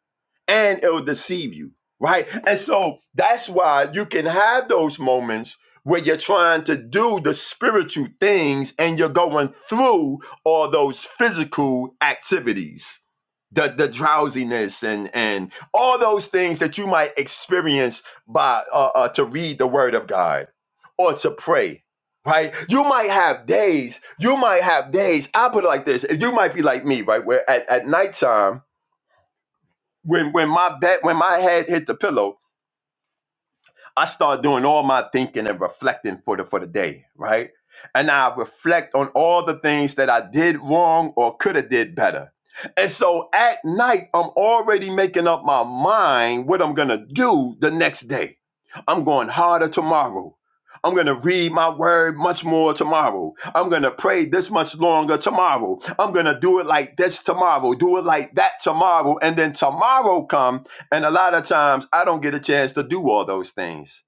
B: and it'll deceive you, right? And so that's why you can have those moments where you're trying to do the spiritual things and you're going through all those physical activities the, the drowsiness and and all those things that you might experience by uh, uh, to read the word of god or to pray right you might have days you might have days i put it like this you might be like me right where at, at nighttime when when my back when my head hit the pillow I start doing all my thinking and reflecting for the for the day, right? And I reflect on all the things that I did wrong or could have did better. And so at night, I'm already making up my mind what I'm gonna do the next day. I'm going harder tomorrow. I'm going to read my word much more tomorrow. I'm going to pray this much longer tomorrow. I'm going to do it like this tomorrow, do it like that tomorrow. And then tomorrow come. And a lot of times I don't get a chance to do all those things,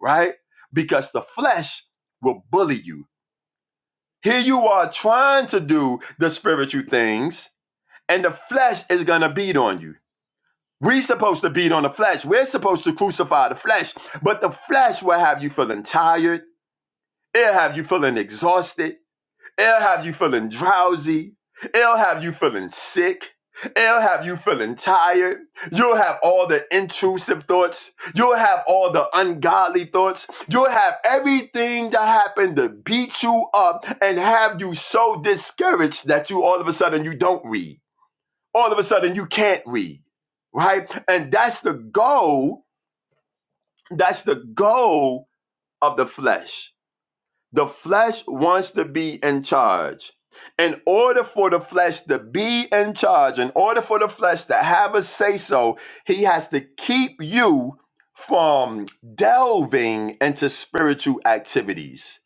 B: right? Because the flesh will bully you. Here you are trying to do the spiritual things, and the flesh is gonna beat on you. we are supposed to beat on the flesh. We're supposed to crucify the flesh, but the flesh will have you feeling tired. It'll have you feeling exhausted. It'll have you feeling drowsy. It'll have you feeling sick. It'll have you feeling tired. You'll have all the intrusive thoughts. You'll have all the ungodly thoughts. You'll have everything that happened to beat you up and have you so discouraged that you all of a sudden you don't read. All of a sudden you can't read, right? And that's the goal. That's the goal of the flesh the flesh wants to be in charge. In order for the flesh to be in charge, in order for the flesh to have a say so, he has to keep you from delving into spiritual activities.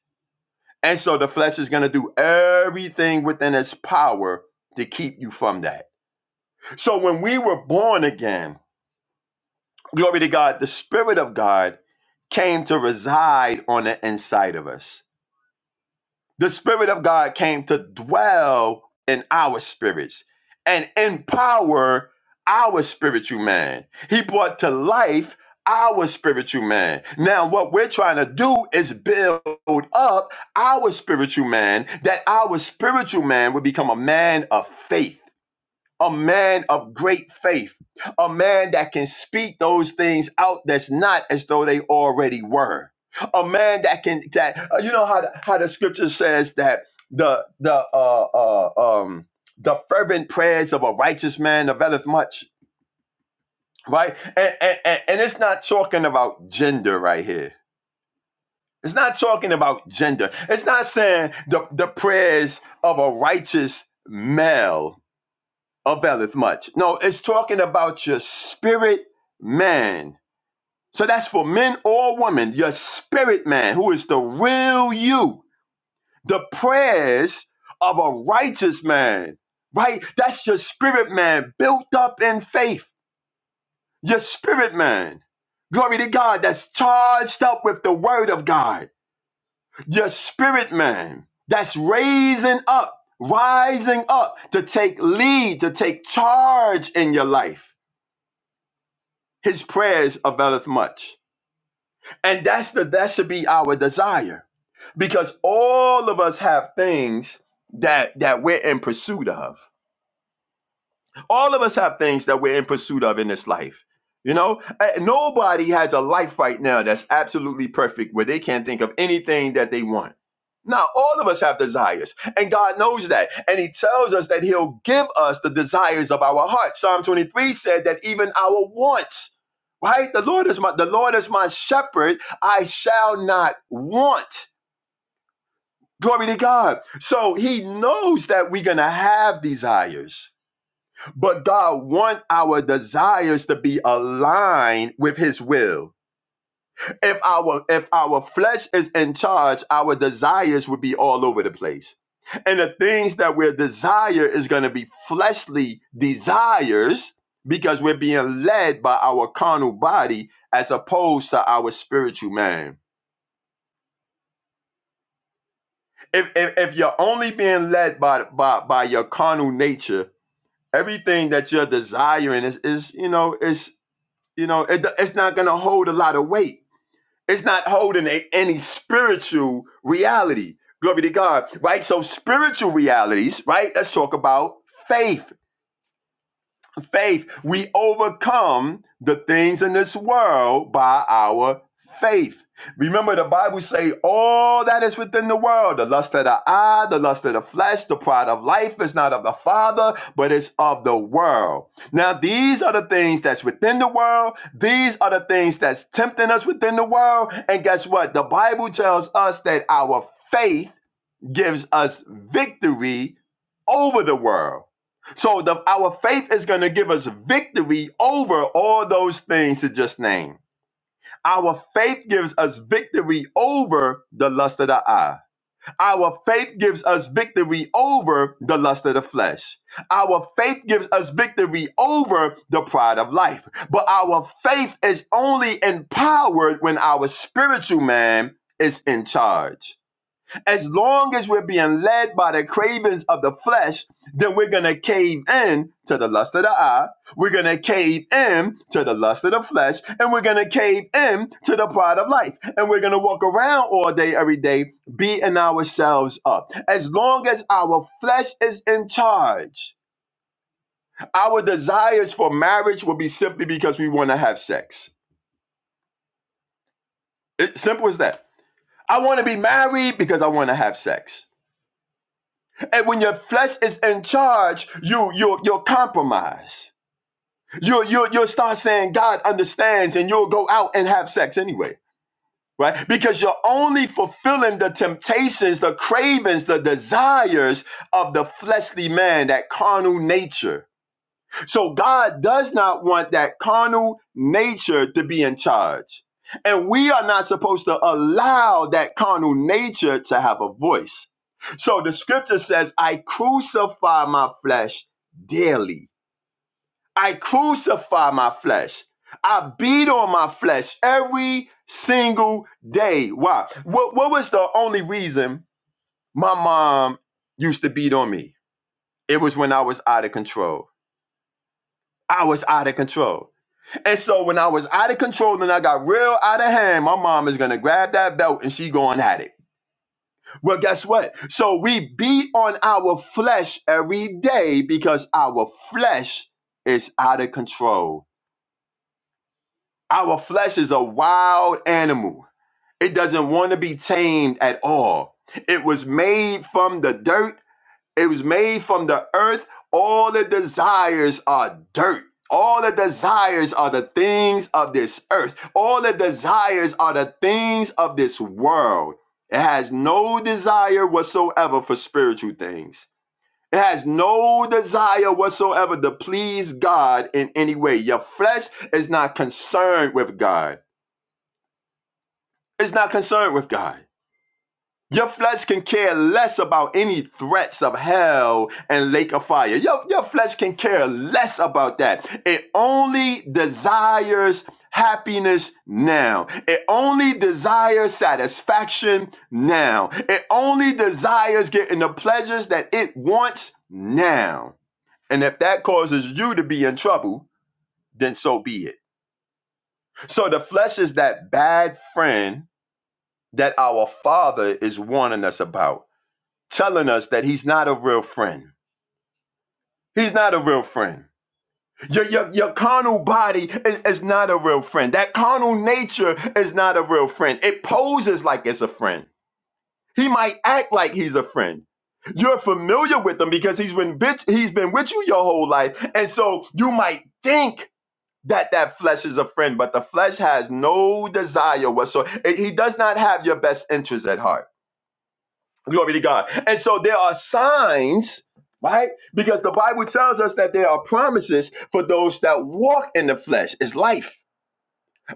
B: And so the flesh is going to do everything within its power to keep you from that. So when we were born again, glory to God, the Spirit of God came to reside on the inside of us. the Spirit of God came to dwell in our spirits and empower our spiritual man. He brought to life our spiritual man. Now, what we're trying to do is build up our spiritual man, that our spiritual man would become a man of faith a man of great faith, a man that can speak those things out that's not as though they already were. A man that can that uh, you know how the, how the scripture says that the the uh, uh um the fervent prayers of a righteous man availeth much, right? And and, and and it's not talking about gender right here. It's not talking about gender. It's not saying the the prayers of a righteous male availeth much. No, it's talking about your spirit man. So that's for men or women, your spirit man, who is the real you. The prayers of a righteous man, right? That's your spirit man built up in faith, your spirit man. Glory to God, that's charged up with the word of God, your spirit man, that's raising up, rising up to take lead, to take charge in your life His prayers availeth much. And that's the that should be our desire. Because all of us have things that that we're in pursuit of. All of us have things that we're in pursuit of in this life. You know, Uh, nobody has a life right now that's absolutely perfect where they can't think of anything that they want. Now, all of us have desires, and God knows that. And He tells us that He'll give us the desires of our heart. Psalm 23 said that even our wants, right? The Lord is my the Lord is my shepherd, I shall not want. Glory to God. So He knows that we're gonna have desires. But God wants our desires to be aligned with his will. If our if our flesh is in charge, our desires would be all over the place. And the things that we desire is going to be fleshly desires because we're being led by our carnal body as opposed to our spiritual man. If if, if you're only being led by by by your carnal nature, everything that you're desiring is is you know is. You know, it, it's not going to hold a lot of weight. It's not holding a, any spiritual reality. Glory to God, right? So, spiritual realities, right? Let's talk about faith faith. We overcome the things in this world by our faith. Remember, the Bible say all that is within the world, the lust of the eye, the lust of the flesh, the pride of life is not of the Father, but it's of the world. Now, these are the things that's within the world. These are the things that's tempting us within the world. And guess what? The Bible tells us that our faith gives us victory over the world. So the, our faith is going to give us victory over all those things to just name. Our faith gives us victory over the lust of the eye. Our faith gives us victory over the lust of the flesh. Our faith gives us victory over the pride of life. But our faith is only empowered when our spiritual man is in charge as long as we're being led by the cravings of the flesh, then we're going to cave in to the lust of the eye. We're going to cave in to the lust of the flesh. And we're going to cave in to the pride of life. And we're going to walk around all day, every day, beating ourselves up. As long as our flesh is in charge, our desires for marriage will be simply because we want to have sex. It, simple as that. I want to be married because I want to have sex. And when your flesh is in charge, you you you'll compromise. You you you'll start saying God understands, and you'll go out and have sex anyway, right? Because you're only fulfilling the temptations, the cravings, the desires of the fleshly man, that carnal nature so God does not want that carnal nature to be in charge. And we are not supposed to allow that carnal nature to have a voice. So the scripture says, I crucify my flesh daily. I crucify my flesh. I beat on my flesh every single day. Why? What, what was the only reason my mom used to beat on me? It was when I was out of control. I was out of control. And so when I was out of control and I got real out of hand, my mom is gonna grab that belt and she going at it. Well, guess what? So we beat on our flesh every day because our flesh is out of control. Our flesh is a wild animal. It doesn't want to be tamed at all. It was made from the dirt It was made from the earth. All the desires are dirt. All the desires are the things of this earth. All the desires are the things of this world. It has no desire whatsoever for spiritual things. It has no desire whatsoever to please God in any way. Your flesh is not concerned with God. It's not concerned with God. Your flesh can care less about any threats of hell and lake of fire. Your, your flesh can care less about that. It only desires happiness now. It only desires satisfaction now. It only desires getting the pleasures that it wants now. And if that causes you to be in trouble, then so be it. So the flesh is that bad friend that our Father is warning us about telling us that he's not a real friend. He's not a real friend. Your, your, your carnal body is, is not a real friend. That carnal nature is not a real friend. It poses like it's a friend. He might act like he's a friend. You're familiar with him because he's been bitch, he's been with you your whole life. And so you might think that that flesh is a friend, but the flesh has no desire whatsoever. It- He does not have your best interest at heart. Glory to God. And so there are signs, right? Because the Bible tells us that there are promises for those that walk in the flesh. It's life.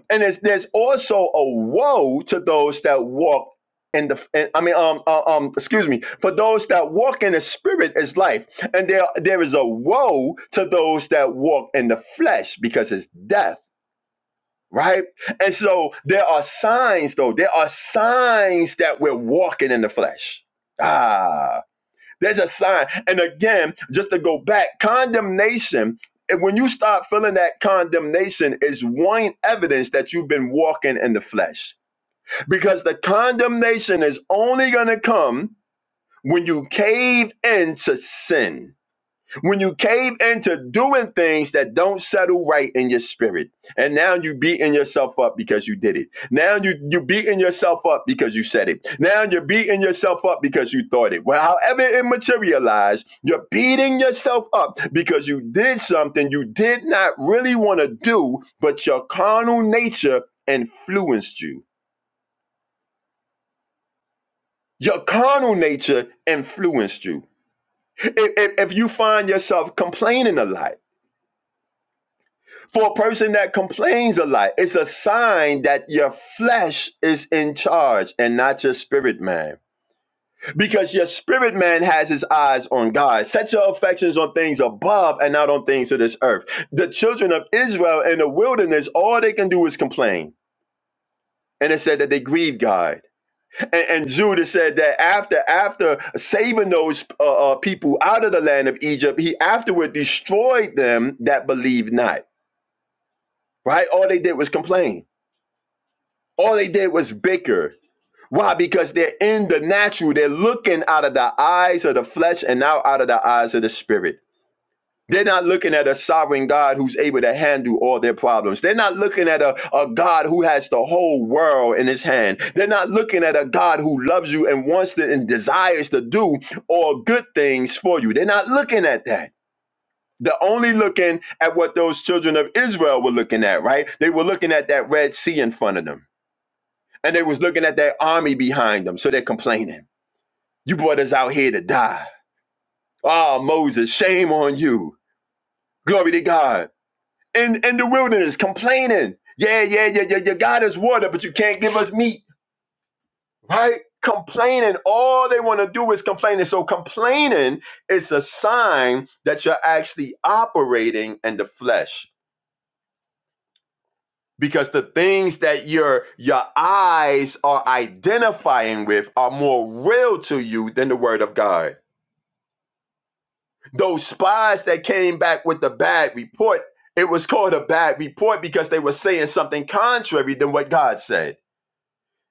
B: And it's, there's also a woe to those that walk in the and, I mean um, uh, um excuse me for those that walk in the spirit is life and there there is a woe to those that walk in the flesh because it's death right and so there are signs though there are signs that we're walking in the flesh ah there's a sign. And again, just to go back, condemnation. And when you start feeling that condemnation is one evidence that you've been walking in the flesh. Because the condemnation is only going to come when you cave into sin when you cave into doing things that don't settle right in your spirit and now you beating yourself up because you did it now you you beating yourself up because you said it now you're beating yourself up because you thought it well however it materialized you're beating yourself up because you did something you did not really want to do but your carnal nature influenced you your carnal nature influenced you if, if if you find yourself complaining a lot For a person that complains a lot, it's a sign that your flesh is in charge and not your spirit man. Because your spirit man has his eyes on God. Set your affections on things above and not on things of this earth. The children of Israel in the wilderness, all they can do is complain. And it said that they grieved God. And, and Judas said that after after saving those uh, uh, people out of the land of Egypt, he afterward destroyed them that believed not. Right? All they did was complain. All they did was bicker. Why? Because they're in the natural. They're looking out of the eyes of the flesh and now out of the eyes of the spirit. They're not looking at a sovereign God who's able to handle all their problems. They're not looking at a, a God who has the whole world in his hand. They're not looking at a God who loves you and wants to and desires to do all good things for you. They're not looking at that. They're only looking at what those children of Israel were looking at, right? They were looking at that Red Sea in front of them and they was looking at that army behind them, so they're complaining. You brought us out here to die. Ah, Moses, shame on you. Glory to God. In in the wilderness, complaining. Yeah, yeah, yeah, yeah. Your God is water, but you can't give us meat, right? Complaining. All they want to do is complaining. So complaining is a sign that you're actually operating in the flesh. Because the things that your your eyes are identifying with are more real to you than the word of God. those spies that came back with the bad report, it was called a bad report because they were saying something contrary than what God said.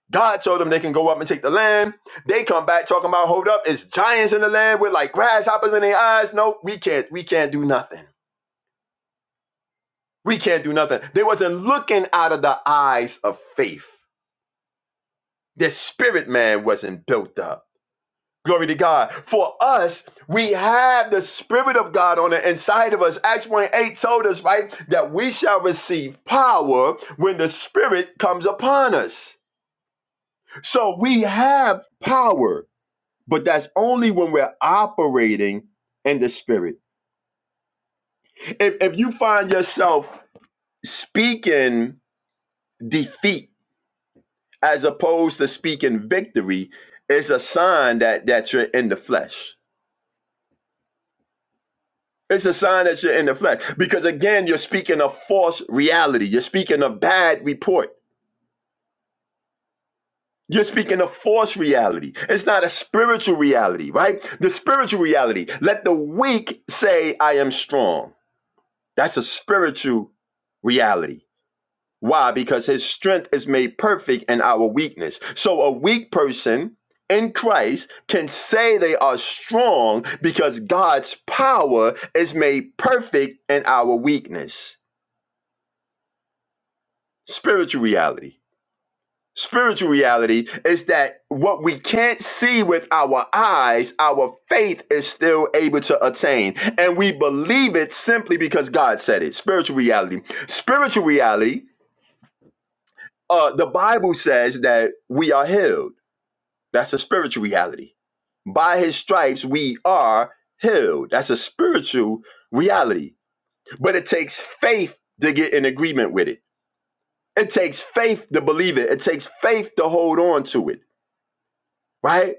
B: God told them they can go up and take the land. They come back talking about, hold up, it's giants in the land with like grasshoppers in their eyes. No, we can't, we can't do nothing. We can't do nothing. They wasn't looking out of the eyes of faith. Their spirit man wasn't built up. Glory to God. For us, we have the Spirit of God on the inside of us. Acts 1 8 told us, right, that we shall receive power when the Spirit comes upon us. So we have power, but that's only when we're operating in the Spirit. If, if you find yourself speaking defeat as opposed to speaking victory, it's a sign that, that you're in the flesh. It's a sign that you're in the flesh. Because again, you're speaking a false reality. You're speaking a bad report. You're speaking a false reality. It's not a spiritual reality, right? The spiritual reality. Let the weak say, I am strong. That's a spiritual reality. Why? Because his strength is made perfect in our weakness. So a weak person in Christ can say they are strong because God's power is made perfect in our weakness. spiritual reality. Spiritual reality is that what we can't see with our eyes, our faith is still able to attain. And we believe it simply because God said it. Spiritual reality. Spiritual reality, uh, the Bible says that we are healed. That's a spiritual reality. By his stripes, we are healed. That's a spiritual reality. But it takes faith to get in agreement with it. It takes faith to believe it. It takes faith to hold on to it, right?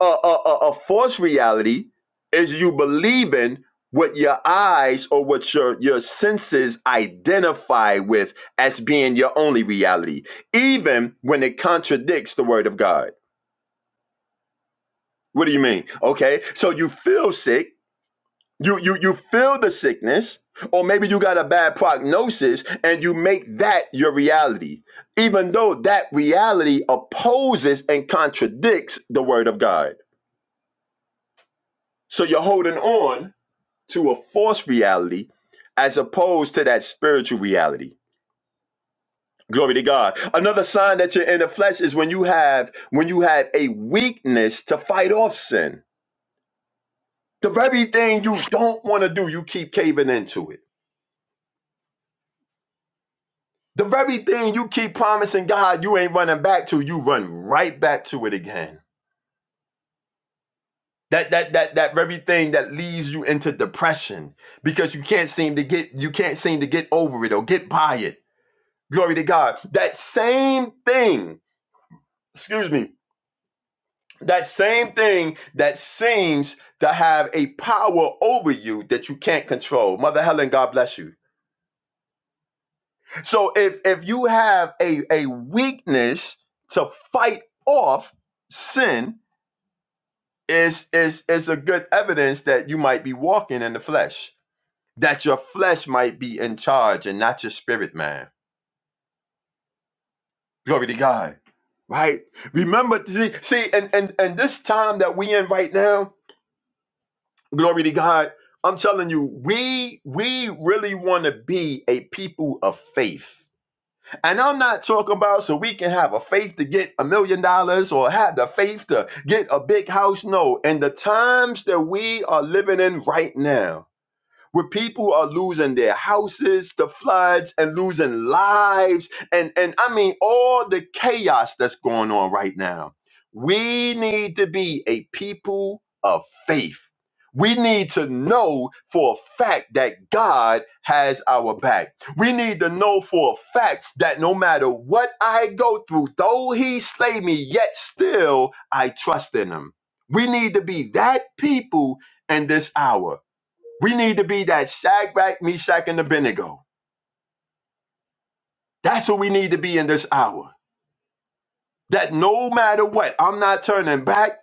B: A, a, a, a false reality is you believing what your eyes or what your, your senses identify with as being your only reality, even when it contradicts the word of God. What do you mean? Okay, so you feel sick You you you feel the sickness, or maybe you got a bad prognosis, and you make that your reality, even though that reality opposes and contradicts the word of God. So you're holding on to a false reality as opposed to that spiritual reality. Glory to God. Another sign that you're in the flesh is when you have when you have a weakness to fight off sin. The very thing you don't want to do, you keep caving into it The very thing you keep promising God you ain't running back to, you run right back to it again. That that that that very thing that leads you into depression because you can't seem to get you can't seem to get over it or get by it. Glory to God. That same thing, excuse me, that same thing that seems to have a power over you that you can't control. Mother Helen, God bless you. So if if you have a a weakness to fight off sin, is is is a good evidence that you might be walking in the flesh that your flesh might be in charge and not your spirit man glory to god right remember see see, and and and this time that we in right now glory to god i'm telling you we we really want to be a people of faith and I'm not talking about so we can have a faith to get a million dollars or have the faith to get a big house. No, in the times that we are living in right now, where people are losing their houses to floods and losing lives and and I mean all the chaos that's going on right now. We need to be a people of faith. We need to know for a fact that God has our back. We need to know for a fact that no matter what I go through, though he slay me, yet still I trust in him. We need to be that people in this hour. We need to be that Shadrach, Meshach, and Abednego. That's who we need to be in this hour. That no matter what, I'm not turning back.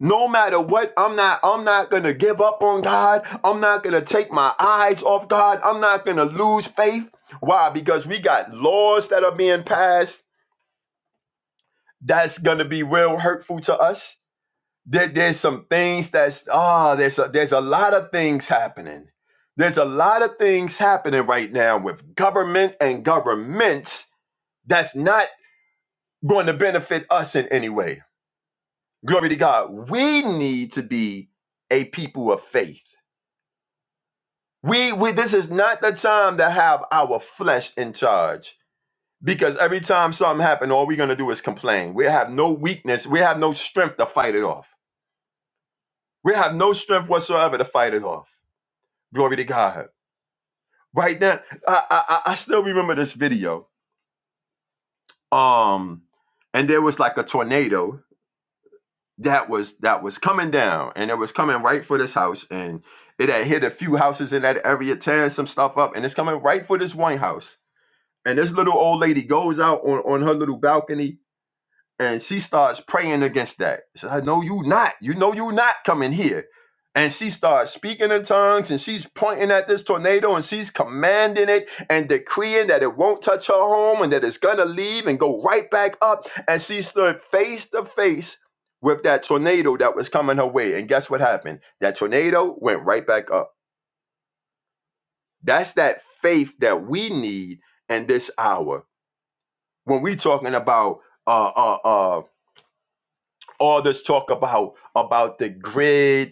B: No matter what, I'm not. I'm not gonna give up on God. I'm not gonna take my eyes off God. I'm not gonna lose faith. Why? Because we got laws that are being passed. That's gonna be real hurtful to us. There, there's some things that's ah. there's a, there's a lot of things happening. There's a lot of things happening right now with government and governments that's not going to benefit us in any way. Glory to God. We need to be a people of faith. We, we this is not the time to have our flesh in charge because every time something happens, all we're gonna do is complain. We have no weakness, we have no strength to fight it off. We have no strength whatsoever to fight it off. Glory to God. Right now, I I, I I still remember this video. Um, and there was like a tornado that was that was coming down and it was coming right for this house and it had hit a few houses in that area tearing some stuff up and it's coming right for this one house and this little old lady goes out on, on her little balcony and she starts praying against that. She said, "No, you not. You know you not coming here." And she starts speaking in tongues, and she's pointing at this tornado, and she's commanding it and decreeing that it won't touch her home, and that it's gonna leave and go right back up. And she stood face to face with that tornado that was coming her way. And guess what happened? That tornado went right back up. That's that faith that we need in this hour when we talking about uh uh uh, all this talk about about the grid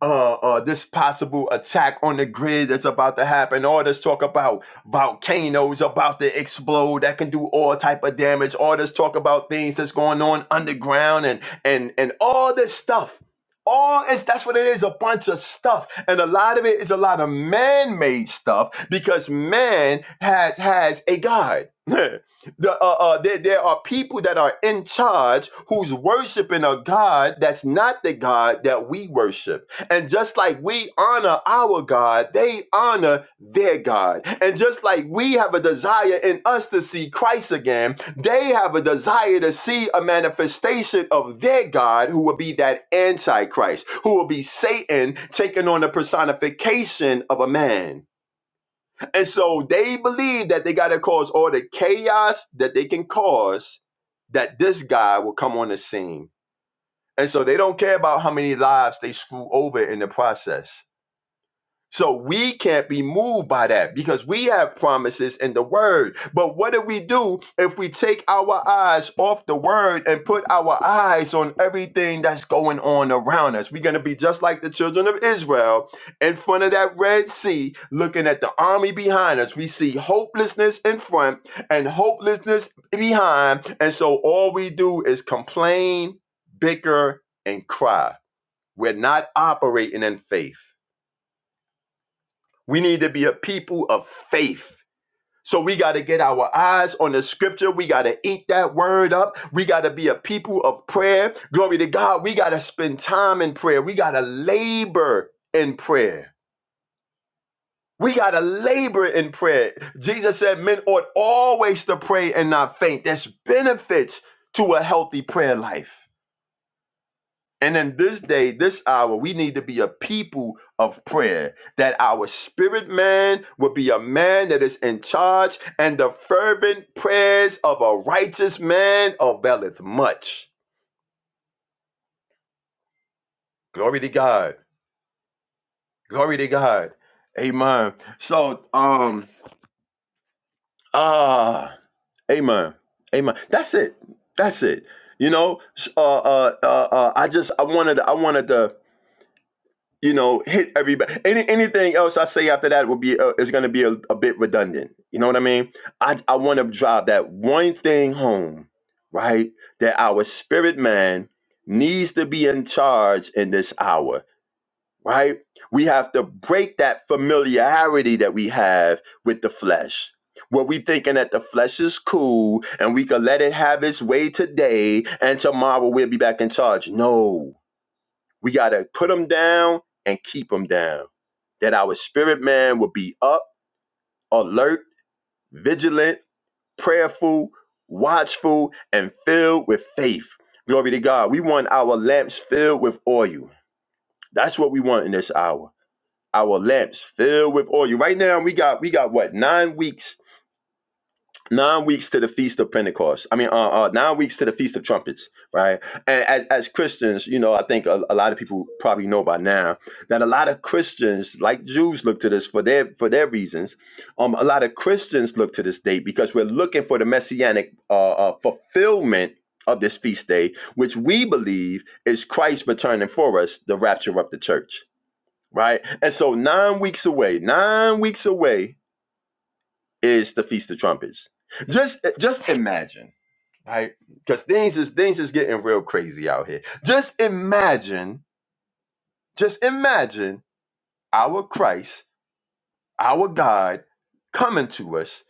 B: uh, uh, this possible attack on the grid that's about to happen. All this talk about volcanoes about to explode that can do all type of damage. All this talk about things that's going on underground and and and all this stuff. All is that's what it is, a bunch of stuff. And a lot of it is a lot of man-made stuff because man has has a God. the, uh, uh, there, there are people that are in charge who's worshiping a God that's not the God that we worship and just like we honor our God, they honor their God. And just like we have a desire in us to see Christ again, they have a desire to see a manifestation of their God who will be that Antichrist, who will be Satan taking on the personification of a man. And so they believe that they got to cause all the chaos that they can cause, that this guy will come on the scene. And so they don't care about how many lives they screw over in the process. So we can't be moved by that because we have promises in the word. But what do we do if we take our eyes off the word and put our eyes on everything that's going on around us? We're going to be just like the children of Israel in front of that Red Sea, looking at the army behind us. We see hopelessness in front and hopelessness behind. And so all we do is complain, bicker, and cry. We're not operating in faith. We need to be a people of faith. So we got to get our eyes on the scripture. We got to eat that word up. We got to be a people of prayer. Glory to God. We got to spend time in prayer. We got to labor in prayer. We got to labor in prayer. Jesus said men ought always to pray and not faint. There's benefits to a healthy prayer life. And in this day, this hour, we need to be a people of prayer. That our spirit man will be a man that is in charge, and the fervent prayers of a righteous man availeth much. Glory to God. Glory to God. Amen. So, um, ah, amen. Amen. That's it. That's it. You know, uh, uh, uh, uh, I just, I wanted, I wanted to. you know, hit everybody. Any, anything else I say after that will be uh, is going to be a, a bit redundant. You know what I mean? I I want to drive that one thing home, right? That our spirit man needs to be in charge in this hour, right? We have to break that familiarity that we have with the flesh. Where we thinking that the flesh is cool and we can let it have its way today and tomorrow we'll be back in charge. No we got to put them down and keep them down. That our spirit man will be up, alert, vigilant, prayerful, watchful, and filled with faith. Glory to God. We want our lamps filled with oil. That's what we want in this hour. Our lamps filled with oil. Right now, we got we got what nine weeks nine weeks to the feast of pentecost i mean uh, uh nine weeks to the feast of trumpets right and as, as christians you know i think a, a lot of people probably know by now that a lot of christians like jews look to this for their for their reasons um a lot of christians look to this date because we're looking for the messianic uh, uh fulfillment of this feast day which we believe is christ returning for us the rapture of the church right and so nine weeks away nine weeks away is the Feast of Trumpets. Just just imagine, right? Because things is things is getting real crazy out here. Just imagine, just imagine our Christ, our God coming to us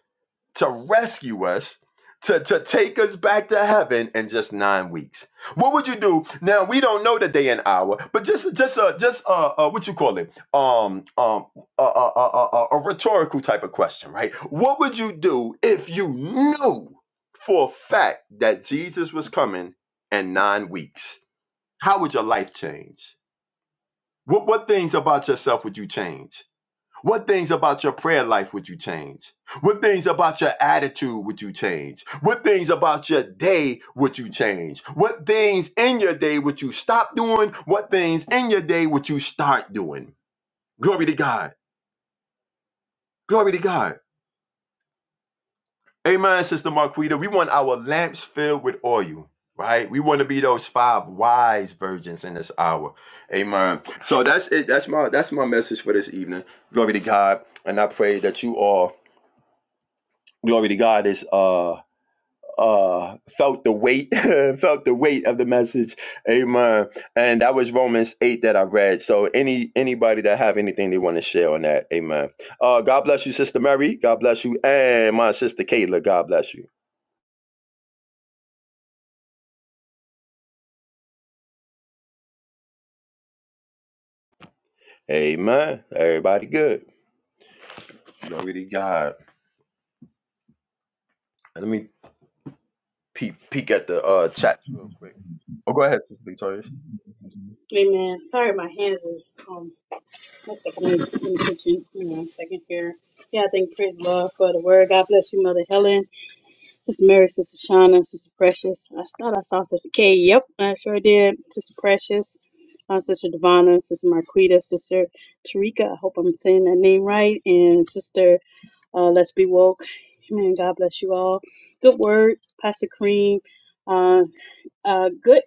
B: to rescue us, to, to take us back to heaven in just nine weeks. What would you do? Now we don't know the day and hour, but just just uh just uh, uh what you call it? Um um a, a, a, a, a rhetorical type of question, right? What would you do if you knew for a fact that Jesus was coming in nine weeks? How would your life change? What what things about yourself would you change? What things about your prayer life would you change? What things about your attitude would you change? What things about your day would you change? What things in your day would you stop doing? What things in your day would you start doing? Glory to God. Glory to God. Amen, Sister Marquita. We want our lamps filled with oil, right? We want to be those five wise virgins in this hour. Amen. So that's it. That's my that's my message for this evening. Glory to God. And I pray that you all, glory to God, is uh uh felt the weight felt the weight of the message amen and that was romans 8 that i read so any anybody that have anything they want to share on that amen uh god bless you sister mary god bless you and my sister kayla god bless you amen everybody good glory to god let me peek peek at the uh chat real quick oh go ahead sister victorious
A: Amen. Sorry, my hands is um. One second, let me, let me put you Hold on a second here. Yeah, I think praise the Lord for the word. God bless you, Mother Helen. Sister Mary, Sister Shauna, Sister Precious. I thought I saw Sister Kay. Yep, I sure did. Sister Precious, uh, Sister Devana, Sister Marquita, Sister Tarika. I hope I'm saying that name right. And Sister uh, Let's Be Woke. Amen. God bless you all. Good word, Pastor Cream. Uh, uh, good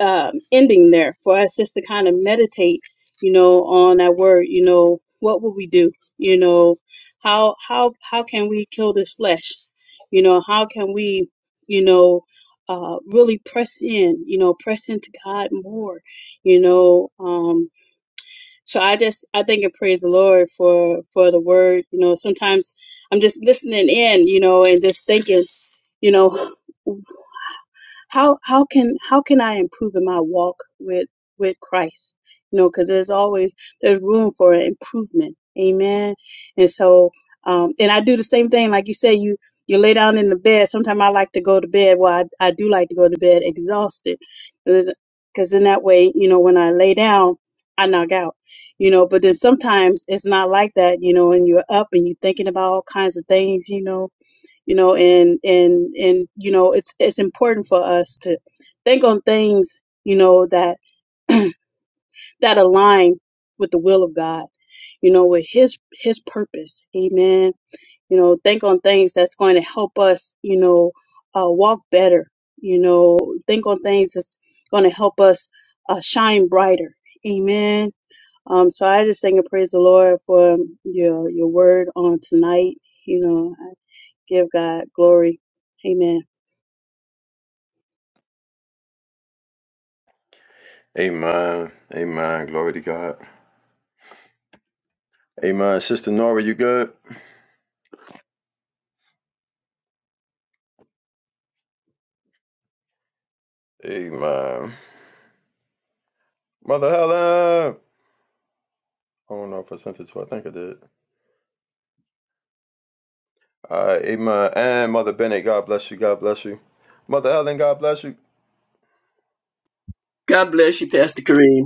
A: um, ending there for us just to kind of meditate, you know, on that word. You know, what will we do? You know, how how how can we kill this flesh? You know, how can we, you know, uh, really press in? You know, press into God more. You know, um, so I just I think and praise the Lord for for the word. You know, sometimes I'm just listening in, you know, and just thinking, you know. how how can how can I improve in my walk with with Christ? You know, because there's always there's room for improvement. Amen. And so, um, and I do the same thing. Like you say, you you lay down in the bed. Sometimes I like to go to bed. Well, I, I do like to go to bed exhausted, because in that way, you know, when I lay down, I knock out. You know, but then sometimes it's not like that. You know, and you're up and you're thinking about all kinds of things. You know, you know and and and you know it's it's important for us to think on things you know that that align with the will of god you know with his his purpose amen you know think on things that's going to help us you know uh, walk better you know think on things that's going to help us uh, shine brighter amen um so i just sing and praise the lord for um, your your word on tonight you know I give god glory amen
B: amen amen glory to god amen sister nora you good amen mother helen I don't know if I sent it to. her. I think I did. All right, amen. And Mother Bennett, God bless you. God bless you. Mother Helen, God bless you.
E: God bless you, Pastor Kareem.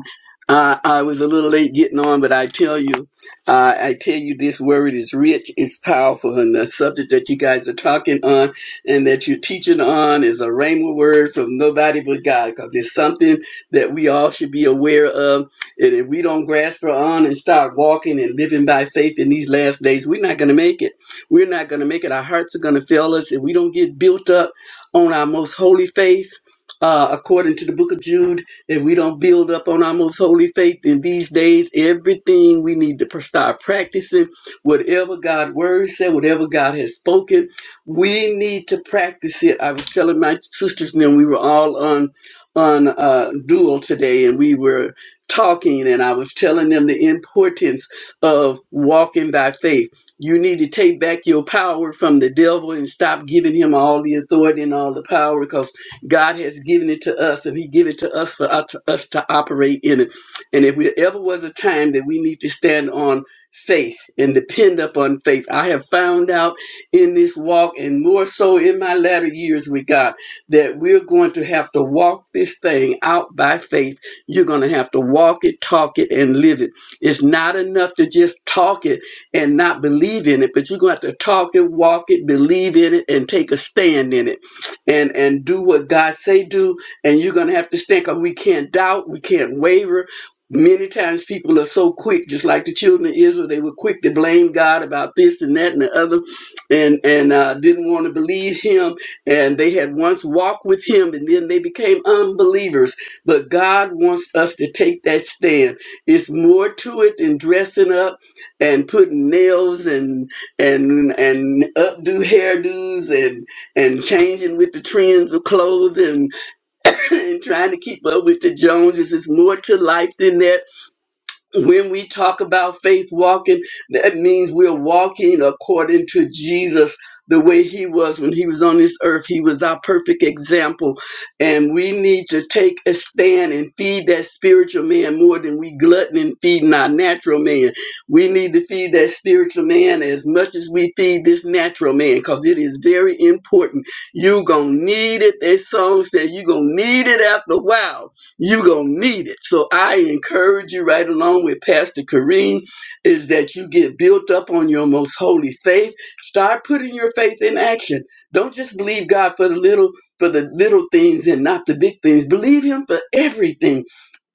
E: Uh, I was a little late getting on, but I tell you, uh, I tell you, this word is rich, it's powerful, and the subject that you guys are talking on and that you're teaching on is a rhema word from nobody but God, because it's something that we all should be aware of. And if we don't grasp it on and start walking and living by faith in these last days, we're not going to make it. We're not going to make it. Our hearts are going to fail us if we don't get built up on our most holy faith, uh, according to the book of Jude if we don't build up on our most holy faith in these days, everything we need to pr- start practicing, whatever God's word said, whatever God has spoken, we need to practice it. I was telling my sisters and them, we were all on on uh, dual today, and we were talking, and I was telling them the importance of walking by faith. You need to take back your power from the devil and stop giving him all the authority and all the power, because God has given it to us, and He gave it to us for us us to operate in it. And if there ever was a time that we need to stand on faith and depend upon faith, I have found out in this walk, and more so in my latter years with God, that we're going to have to walk this thing out by faith. You're going to have to walk it, talk it, and live it. It's not enough to just talk it and not believe in it, but you're going to have to talk it, walk it, believe in it, and take a stand in it and and do what God say do, and you're gonna have to stand. Cause we can't doubt, we can't waver. Many times people are so quick, just like the children of Israel, they were quick to blame God about this and that and the other, and and uh, didn't want to believe Him. And they had once walked with Him, and then they became unbelievers. But God wants us to take that stand. It's more to it than dressing up and putting nails and and and updo hairdos and and changing with the trends of clothes and, and trying to keep up with the Joneses. There's more to life than that when we talk about faith walking, that means we're walking according to Jesus, the way he was when he was on this earth. He was our perfect example. And we need to take a stand and feed that spiritual man more than we glutton and feeding our natural man. We need to feed that spiritual man as much as we feed this natural man because it is very important. You're going to need it. That song said you're going to need it after a while you're going to need it. So I encourage you right along with Pastor Kareem is that you get built up on your most holy faith. Start putting your faith in action. Don't just believe God for the little for the little things and not the big things. Believe him for everything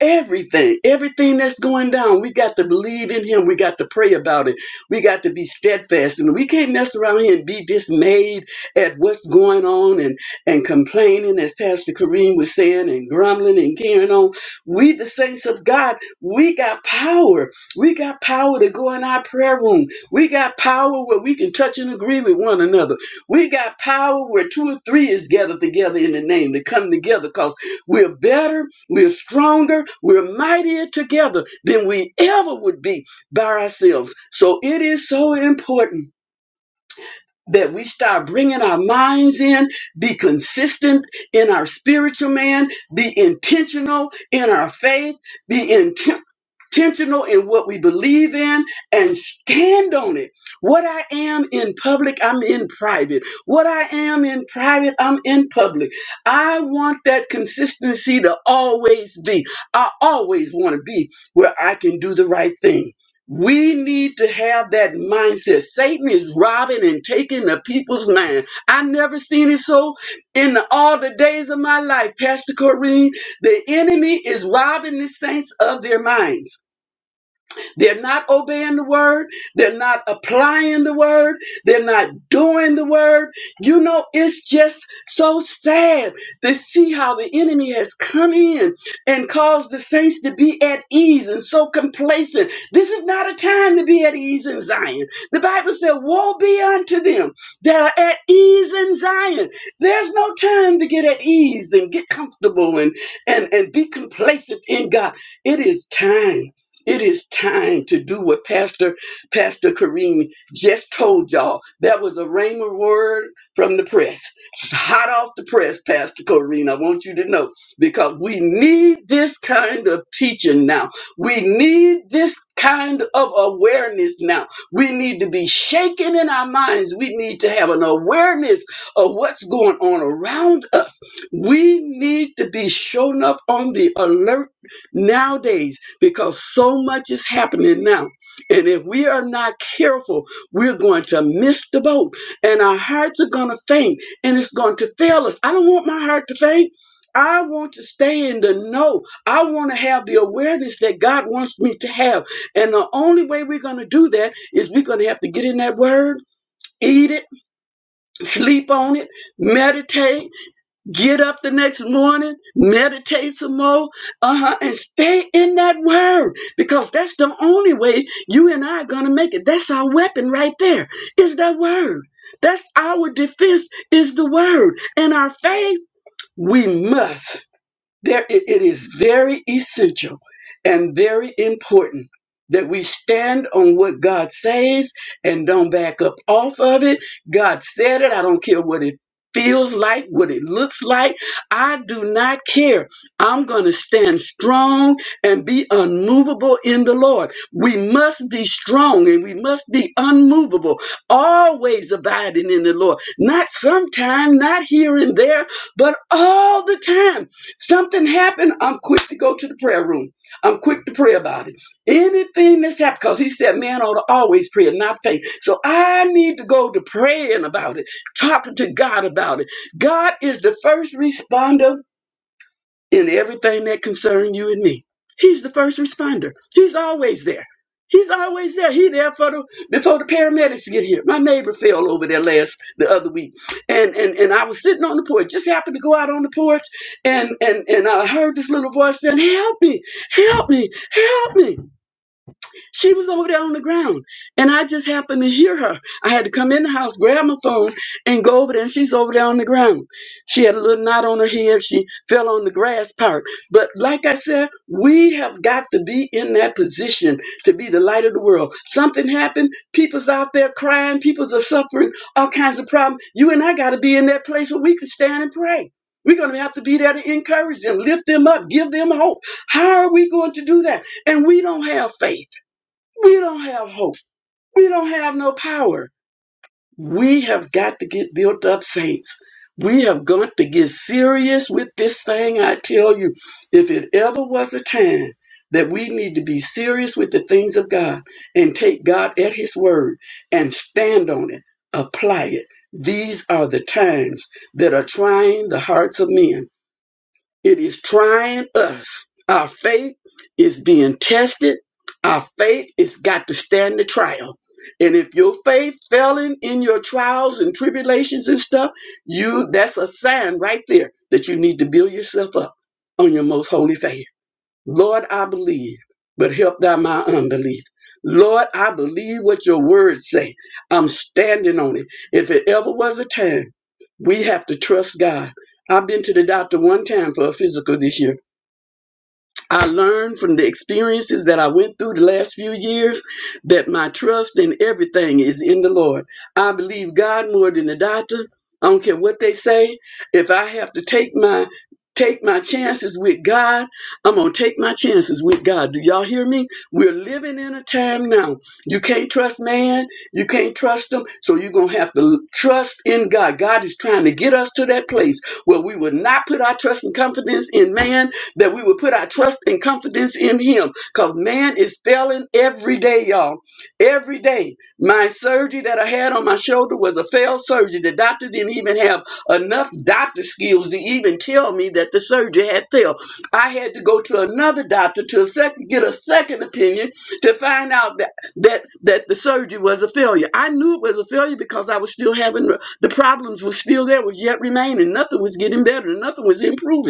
E: everything, everything that's going down. We got to believe in him. We got to pray about it. We got to be steadfast. And we can't mess around here and be dismayed at what's going on and complaining, as Pastor Kareem was saying, and grumbling and carrying on. We, the saints of God, we got power. We got power to go in our prayer room. We got power where we can touch and agree with one another. We got power where two or three is gathered together in the name to come together because we're better, we're stronger, we're mightier together than we ever would be by ourselves. So it is so important that we start bringing our minds in, be consistent in our spiritual man, be intentional in our faith, be intentional intentional in what we believe in and stand on it. What I am in public, I'm in private. What I am in private, I'm in public. I want that consistency to always be. I always want to be where I can do the right thing. We need to have that mindset. Satan is robbing and taking the people's mind. I never seen it so in the- all the days of my life, Pastor Corrine. The enemy is robbing the saints of their minds. They're not obeying the word. They're not applying the word. They're not doing the word. You know, it's just so sad to see how the enemy has come in and caused the saints to be at ease and so complacent. This is not a time to be at ease in Zion. The Bible said, Woe be unto them that are at ease in Zion. There's no time to get at ease and get comfortable and, and, and be complacent in God. It is time. It is time to do what Pastor Pastor Kareem just told y'all. That was a rhema word from the press. Hot off the press, Pastor Kareem. I want you to know because we need this kind of teaching now. We need this kind of awareness now. We need to be shaken in our minds. We need to have an awareness of what's going on around us. We need to be shown up on the alert nowadays because so much is happening now. And if we are not careful, we're going to miss the boat and our hearts are going to faint and it's going to fail us. I don't want my heart to faint. I want to stay in the know. I want to have the awareness that God wants me to have. And the only way we're going to do that is we're going to have to get in that word, eat it, sleep on it, meditate Get up the next morning, meditate some more, uh-huh, and stay in that word because that's the only way you and I are gonna make it. That's our weapon right there, is that word. That's our defense, is the word. And our faith, we must. There, it it is very essential and very important that we stand on what God says and don't back up off of it. God said it. I don't care what it feels like, what it looks like. I do not care. I'm going to stand strong and be unmovable in the Lord. We must be strong and we must be unmovable, always abiding in the Lord. Not sometime, not here and there, but all the time Something happened, I'm quick to go to the prayer room. I'm quick to pray about it. Anything that's happened, because he said man ought to always pray and not faint. So I need to go to praying about it, talking to God about it. God is the first responder in everything that concern you and me. He's the first responder. He's always there. He's always there. He there for the before the paramedics get here. My neighbor fell over there last the other week, and and and I was sitting on the porch. Just happened to go out on the porch, and and and I heard this little voice saying, "Help me! Help me! Help me!" She was over there on the ground, and I just happened to hear her. I had to come in the house, grab my phone, and go over there, and she's over there on the ground. She had a little knot on her head. She fell on the grass part. But like I said, we have got to be in that position to be the light of the world. Something happened. People's out there crying. People's are suffering all kinds of problems. You and I got to be in that place where we can stand and pray. We're going to have to be there to encourage them, lift them up, give them hope. How are we going to do that? And we don't have faith. We don't have hope. We don't have no power. We have got to get built up, saints. We have got to get serious with this thing. I tell you, if it ever was a time that we need to be serious with the things of God and take God at His word and stand on it, apply it, these are the times that are trying the hearts of men. It is trying us. Our faith is being tested. Our faith has got to stand the trial. And if your faith failing in your trials and tribulations and stuff, you that's a sign right there that you need to build yourself up on your most holy faith. Lord, I believe, but help thou my unbelief. Lord, I believe what your words say. I'm standing on it. If it ever was a time, we have to trust God. I've been to the doctor one time for a physical this year. I learned from the experiences that I went through the last few years that my trust in everything is in the Lord. I believe God more than the doctor. I don't care what they say. If I have to take my take my chances with God, I'm gonna take my chances with God. Do y'all hear me? We're living in a time now. You can't trust man, you can't trust them, so you're gonna have to trust in God. God is trying to get us to that place where we would not put our trust and confidence in man that we would put our trust and confidence in him because man is failing every day, y'all. Every day. My surgery that I had on my shoulder was a failed surgery. The doctor didn't even have enough doctor skills to even tell me that the surgery had failed. I had to go to another doctor to a second, get a second opinion to find out that, that, that the surgery was a failure. I knew it was a failure because I was still having the problems were still there, was yet remaining. Nothing was getting better, nothing was improving.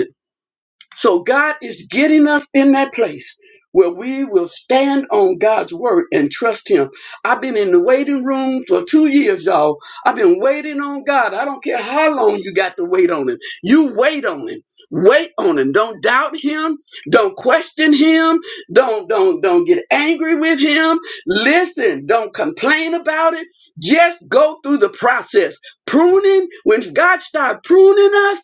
E: So God is getting us in that place where we will stand on God's word and trust Him. I've been in the waiting room for two years, y'all. I've been waiting on God. I don't care how long you got to wait on Him. You wait on Him. Wait on Him. Don't doubt Him. Don't question Him. Don't don't don't get angry with Him. Listen. Don't complain about it. Just go through the process. Pruning. When God starts pruning us.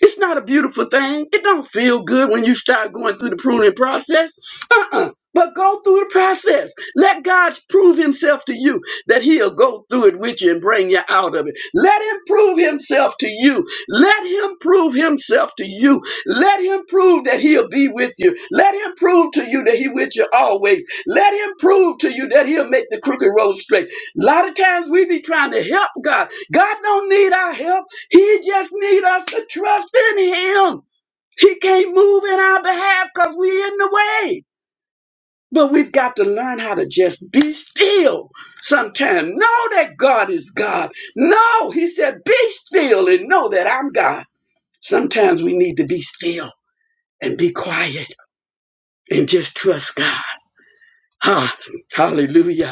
E: It's not a beautiful thing. It don't feel good when you start going through the pruning process. Uh-uh. But go through the process. Let God prove himself to you that he'll go through it with you and bring you out of it. Let him prove himself to you. Let him prove himself to you. Let him prove that he'll be with you. Let him prove to you that he's with you always. Let him prove to you that he'll make the crooked road straight. A lot of times we be trying to help God. God don't need our help. He just need us to trust in him. He can't move in our behalf because we're in the way. But we've got to learn how to just be still sometimes. Know that God is God. No, he said, be still and know that I'm God. Sometimes we need to be still and be quiet and just trust God. Ah, hallelujah.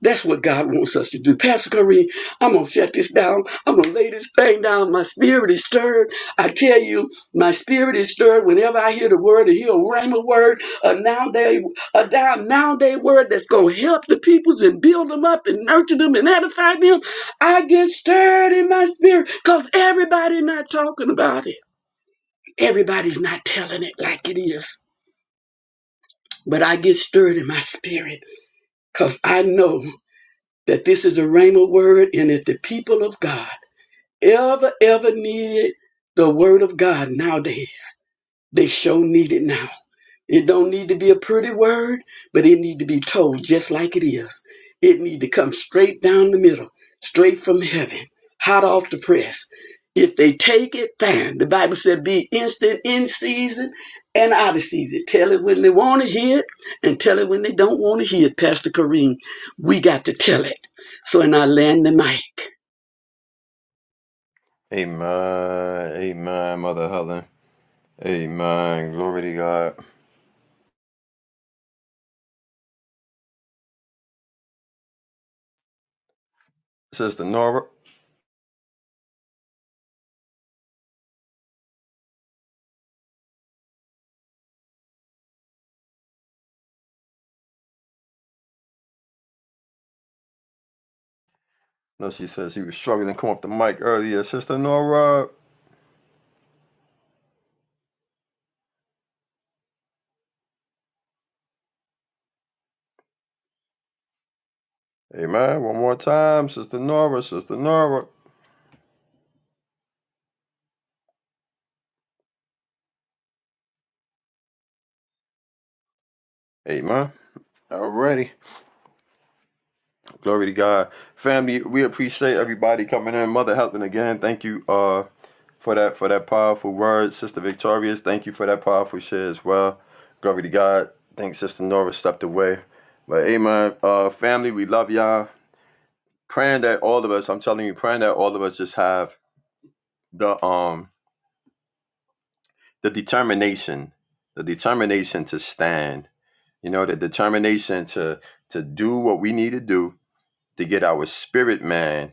E: That's what God wants us to do. Pastor Kareem, I'm going to shut this down. I'm going to lay this thing down. My spirit is stirred. I tell you, my spirit is stirred whenever I hear the word and hear a rhema word, a now day, a down now day word that's going to help the peoples and build them up and nurture them and edify them. I get stirred in my spirit because everybody's not talking about it. Everybody's not telling it like it is. But I get stirred in my spirit because I know. that this is a rhema word and if the people of God ever, ever needed the word of God nowadays. They sure need it now. It don't need to be a pretty word, but it need to be told just like it is. It need to come straight down the middle, straight from heaven, hot off the press. If they take it, fine. The Bible said be instant in season and out of season. Tell it when they want to hear it and tell it when they don't want to hear it. Pastor Kareem, we got to tell it. So and I land the mic.
B: Amen. Amen, Mother Helen. Amen. Glory to God. Sister Nora. No, she says she was struggling to come off the mic earlier. Sister Nora. Amen. One more time. Sister Nora. Sister Nora. Amen. Alrighty. Glory to God. Family, we appreciate everybody coming in. Mother Helen again. Thank you. Uh for that for that powerful word, Sister Victorious. Thank you for that powerful share as well. Glory to God. Thank Sister Nora stepped away. But amen. Uh family, we love y'all. Praying that all of us, I'm telling you, praying that all of us just have the um the determination, the determination to stand. You know, the determination to to do what we need to do to get our spirit man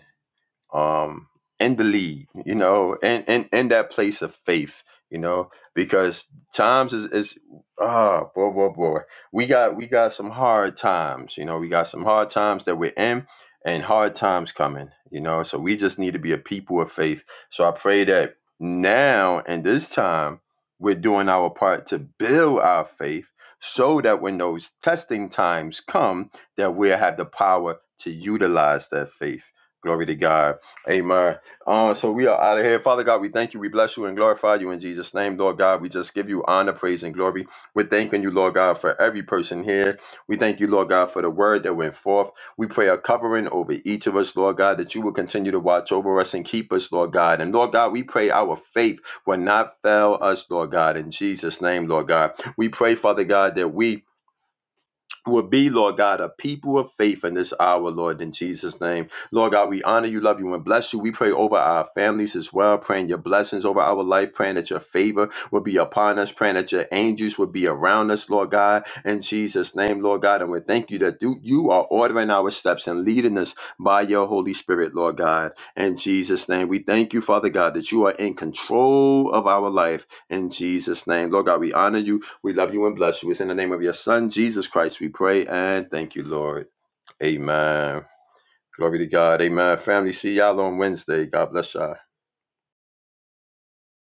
B: um, in the lead, you know, and and in that place of faith, you know, because times is is ah boy boy boy, we got we got some hard times, you know, we got some hard times that we're in, and hard times coming, you know, so we just need to be a people of faith. So I pray that now and this time we're doing our part to build our faith so that when those testing times come that we'll have the power to utilize that faith glory to god Amen. Uh, so we are out of here. Father God, we thank you. We bless you and glorify you in Jesus' name, Lord God. We just give you honor, praise, and glory. We're thanking you, Lord God, for every person here. We thank you, Lord God, for the word that went forth. We pray a covering over each of us, Lord God, that you will continue to watch over us and keep us, Lord God. And Lord God, we pray our faith will not fail us, Lord God, in Jesus' name, Lord God. We pray, Father God, that we Will be, Lord God, a people of faith in this hour, Lord, in Jesus' name. Lord God, we honor you, love you, and bless you. We pray over our families as well, praying your blessings over our life, praying that your favor will be upon us, praying that your angels will be around us, Lord God, in Jesus' name, Lord God. And we thank you that you you are ordering our steps and leading us by your Holy Spirit, Lord God, in Jesus' name. We thank you, Father God, that you are in control of our life, in Jesus' name. Lord God, we honor you. We love you and bless you. It's in the name of your Son, Jesus Christ, we pray and thank you, Lord. Amen. Glory to God. Amen. Family, see y'all on Wednesday. God bless y'all.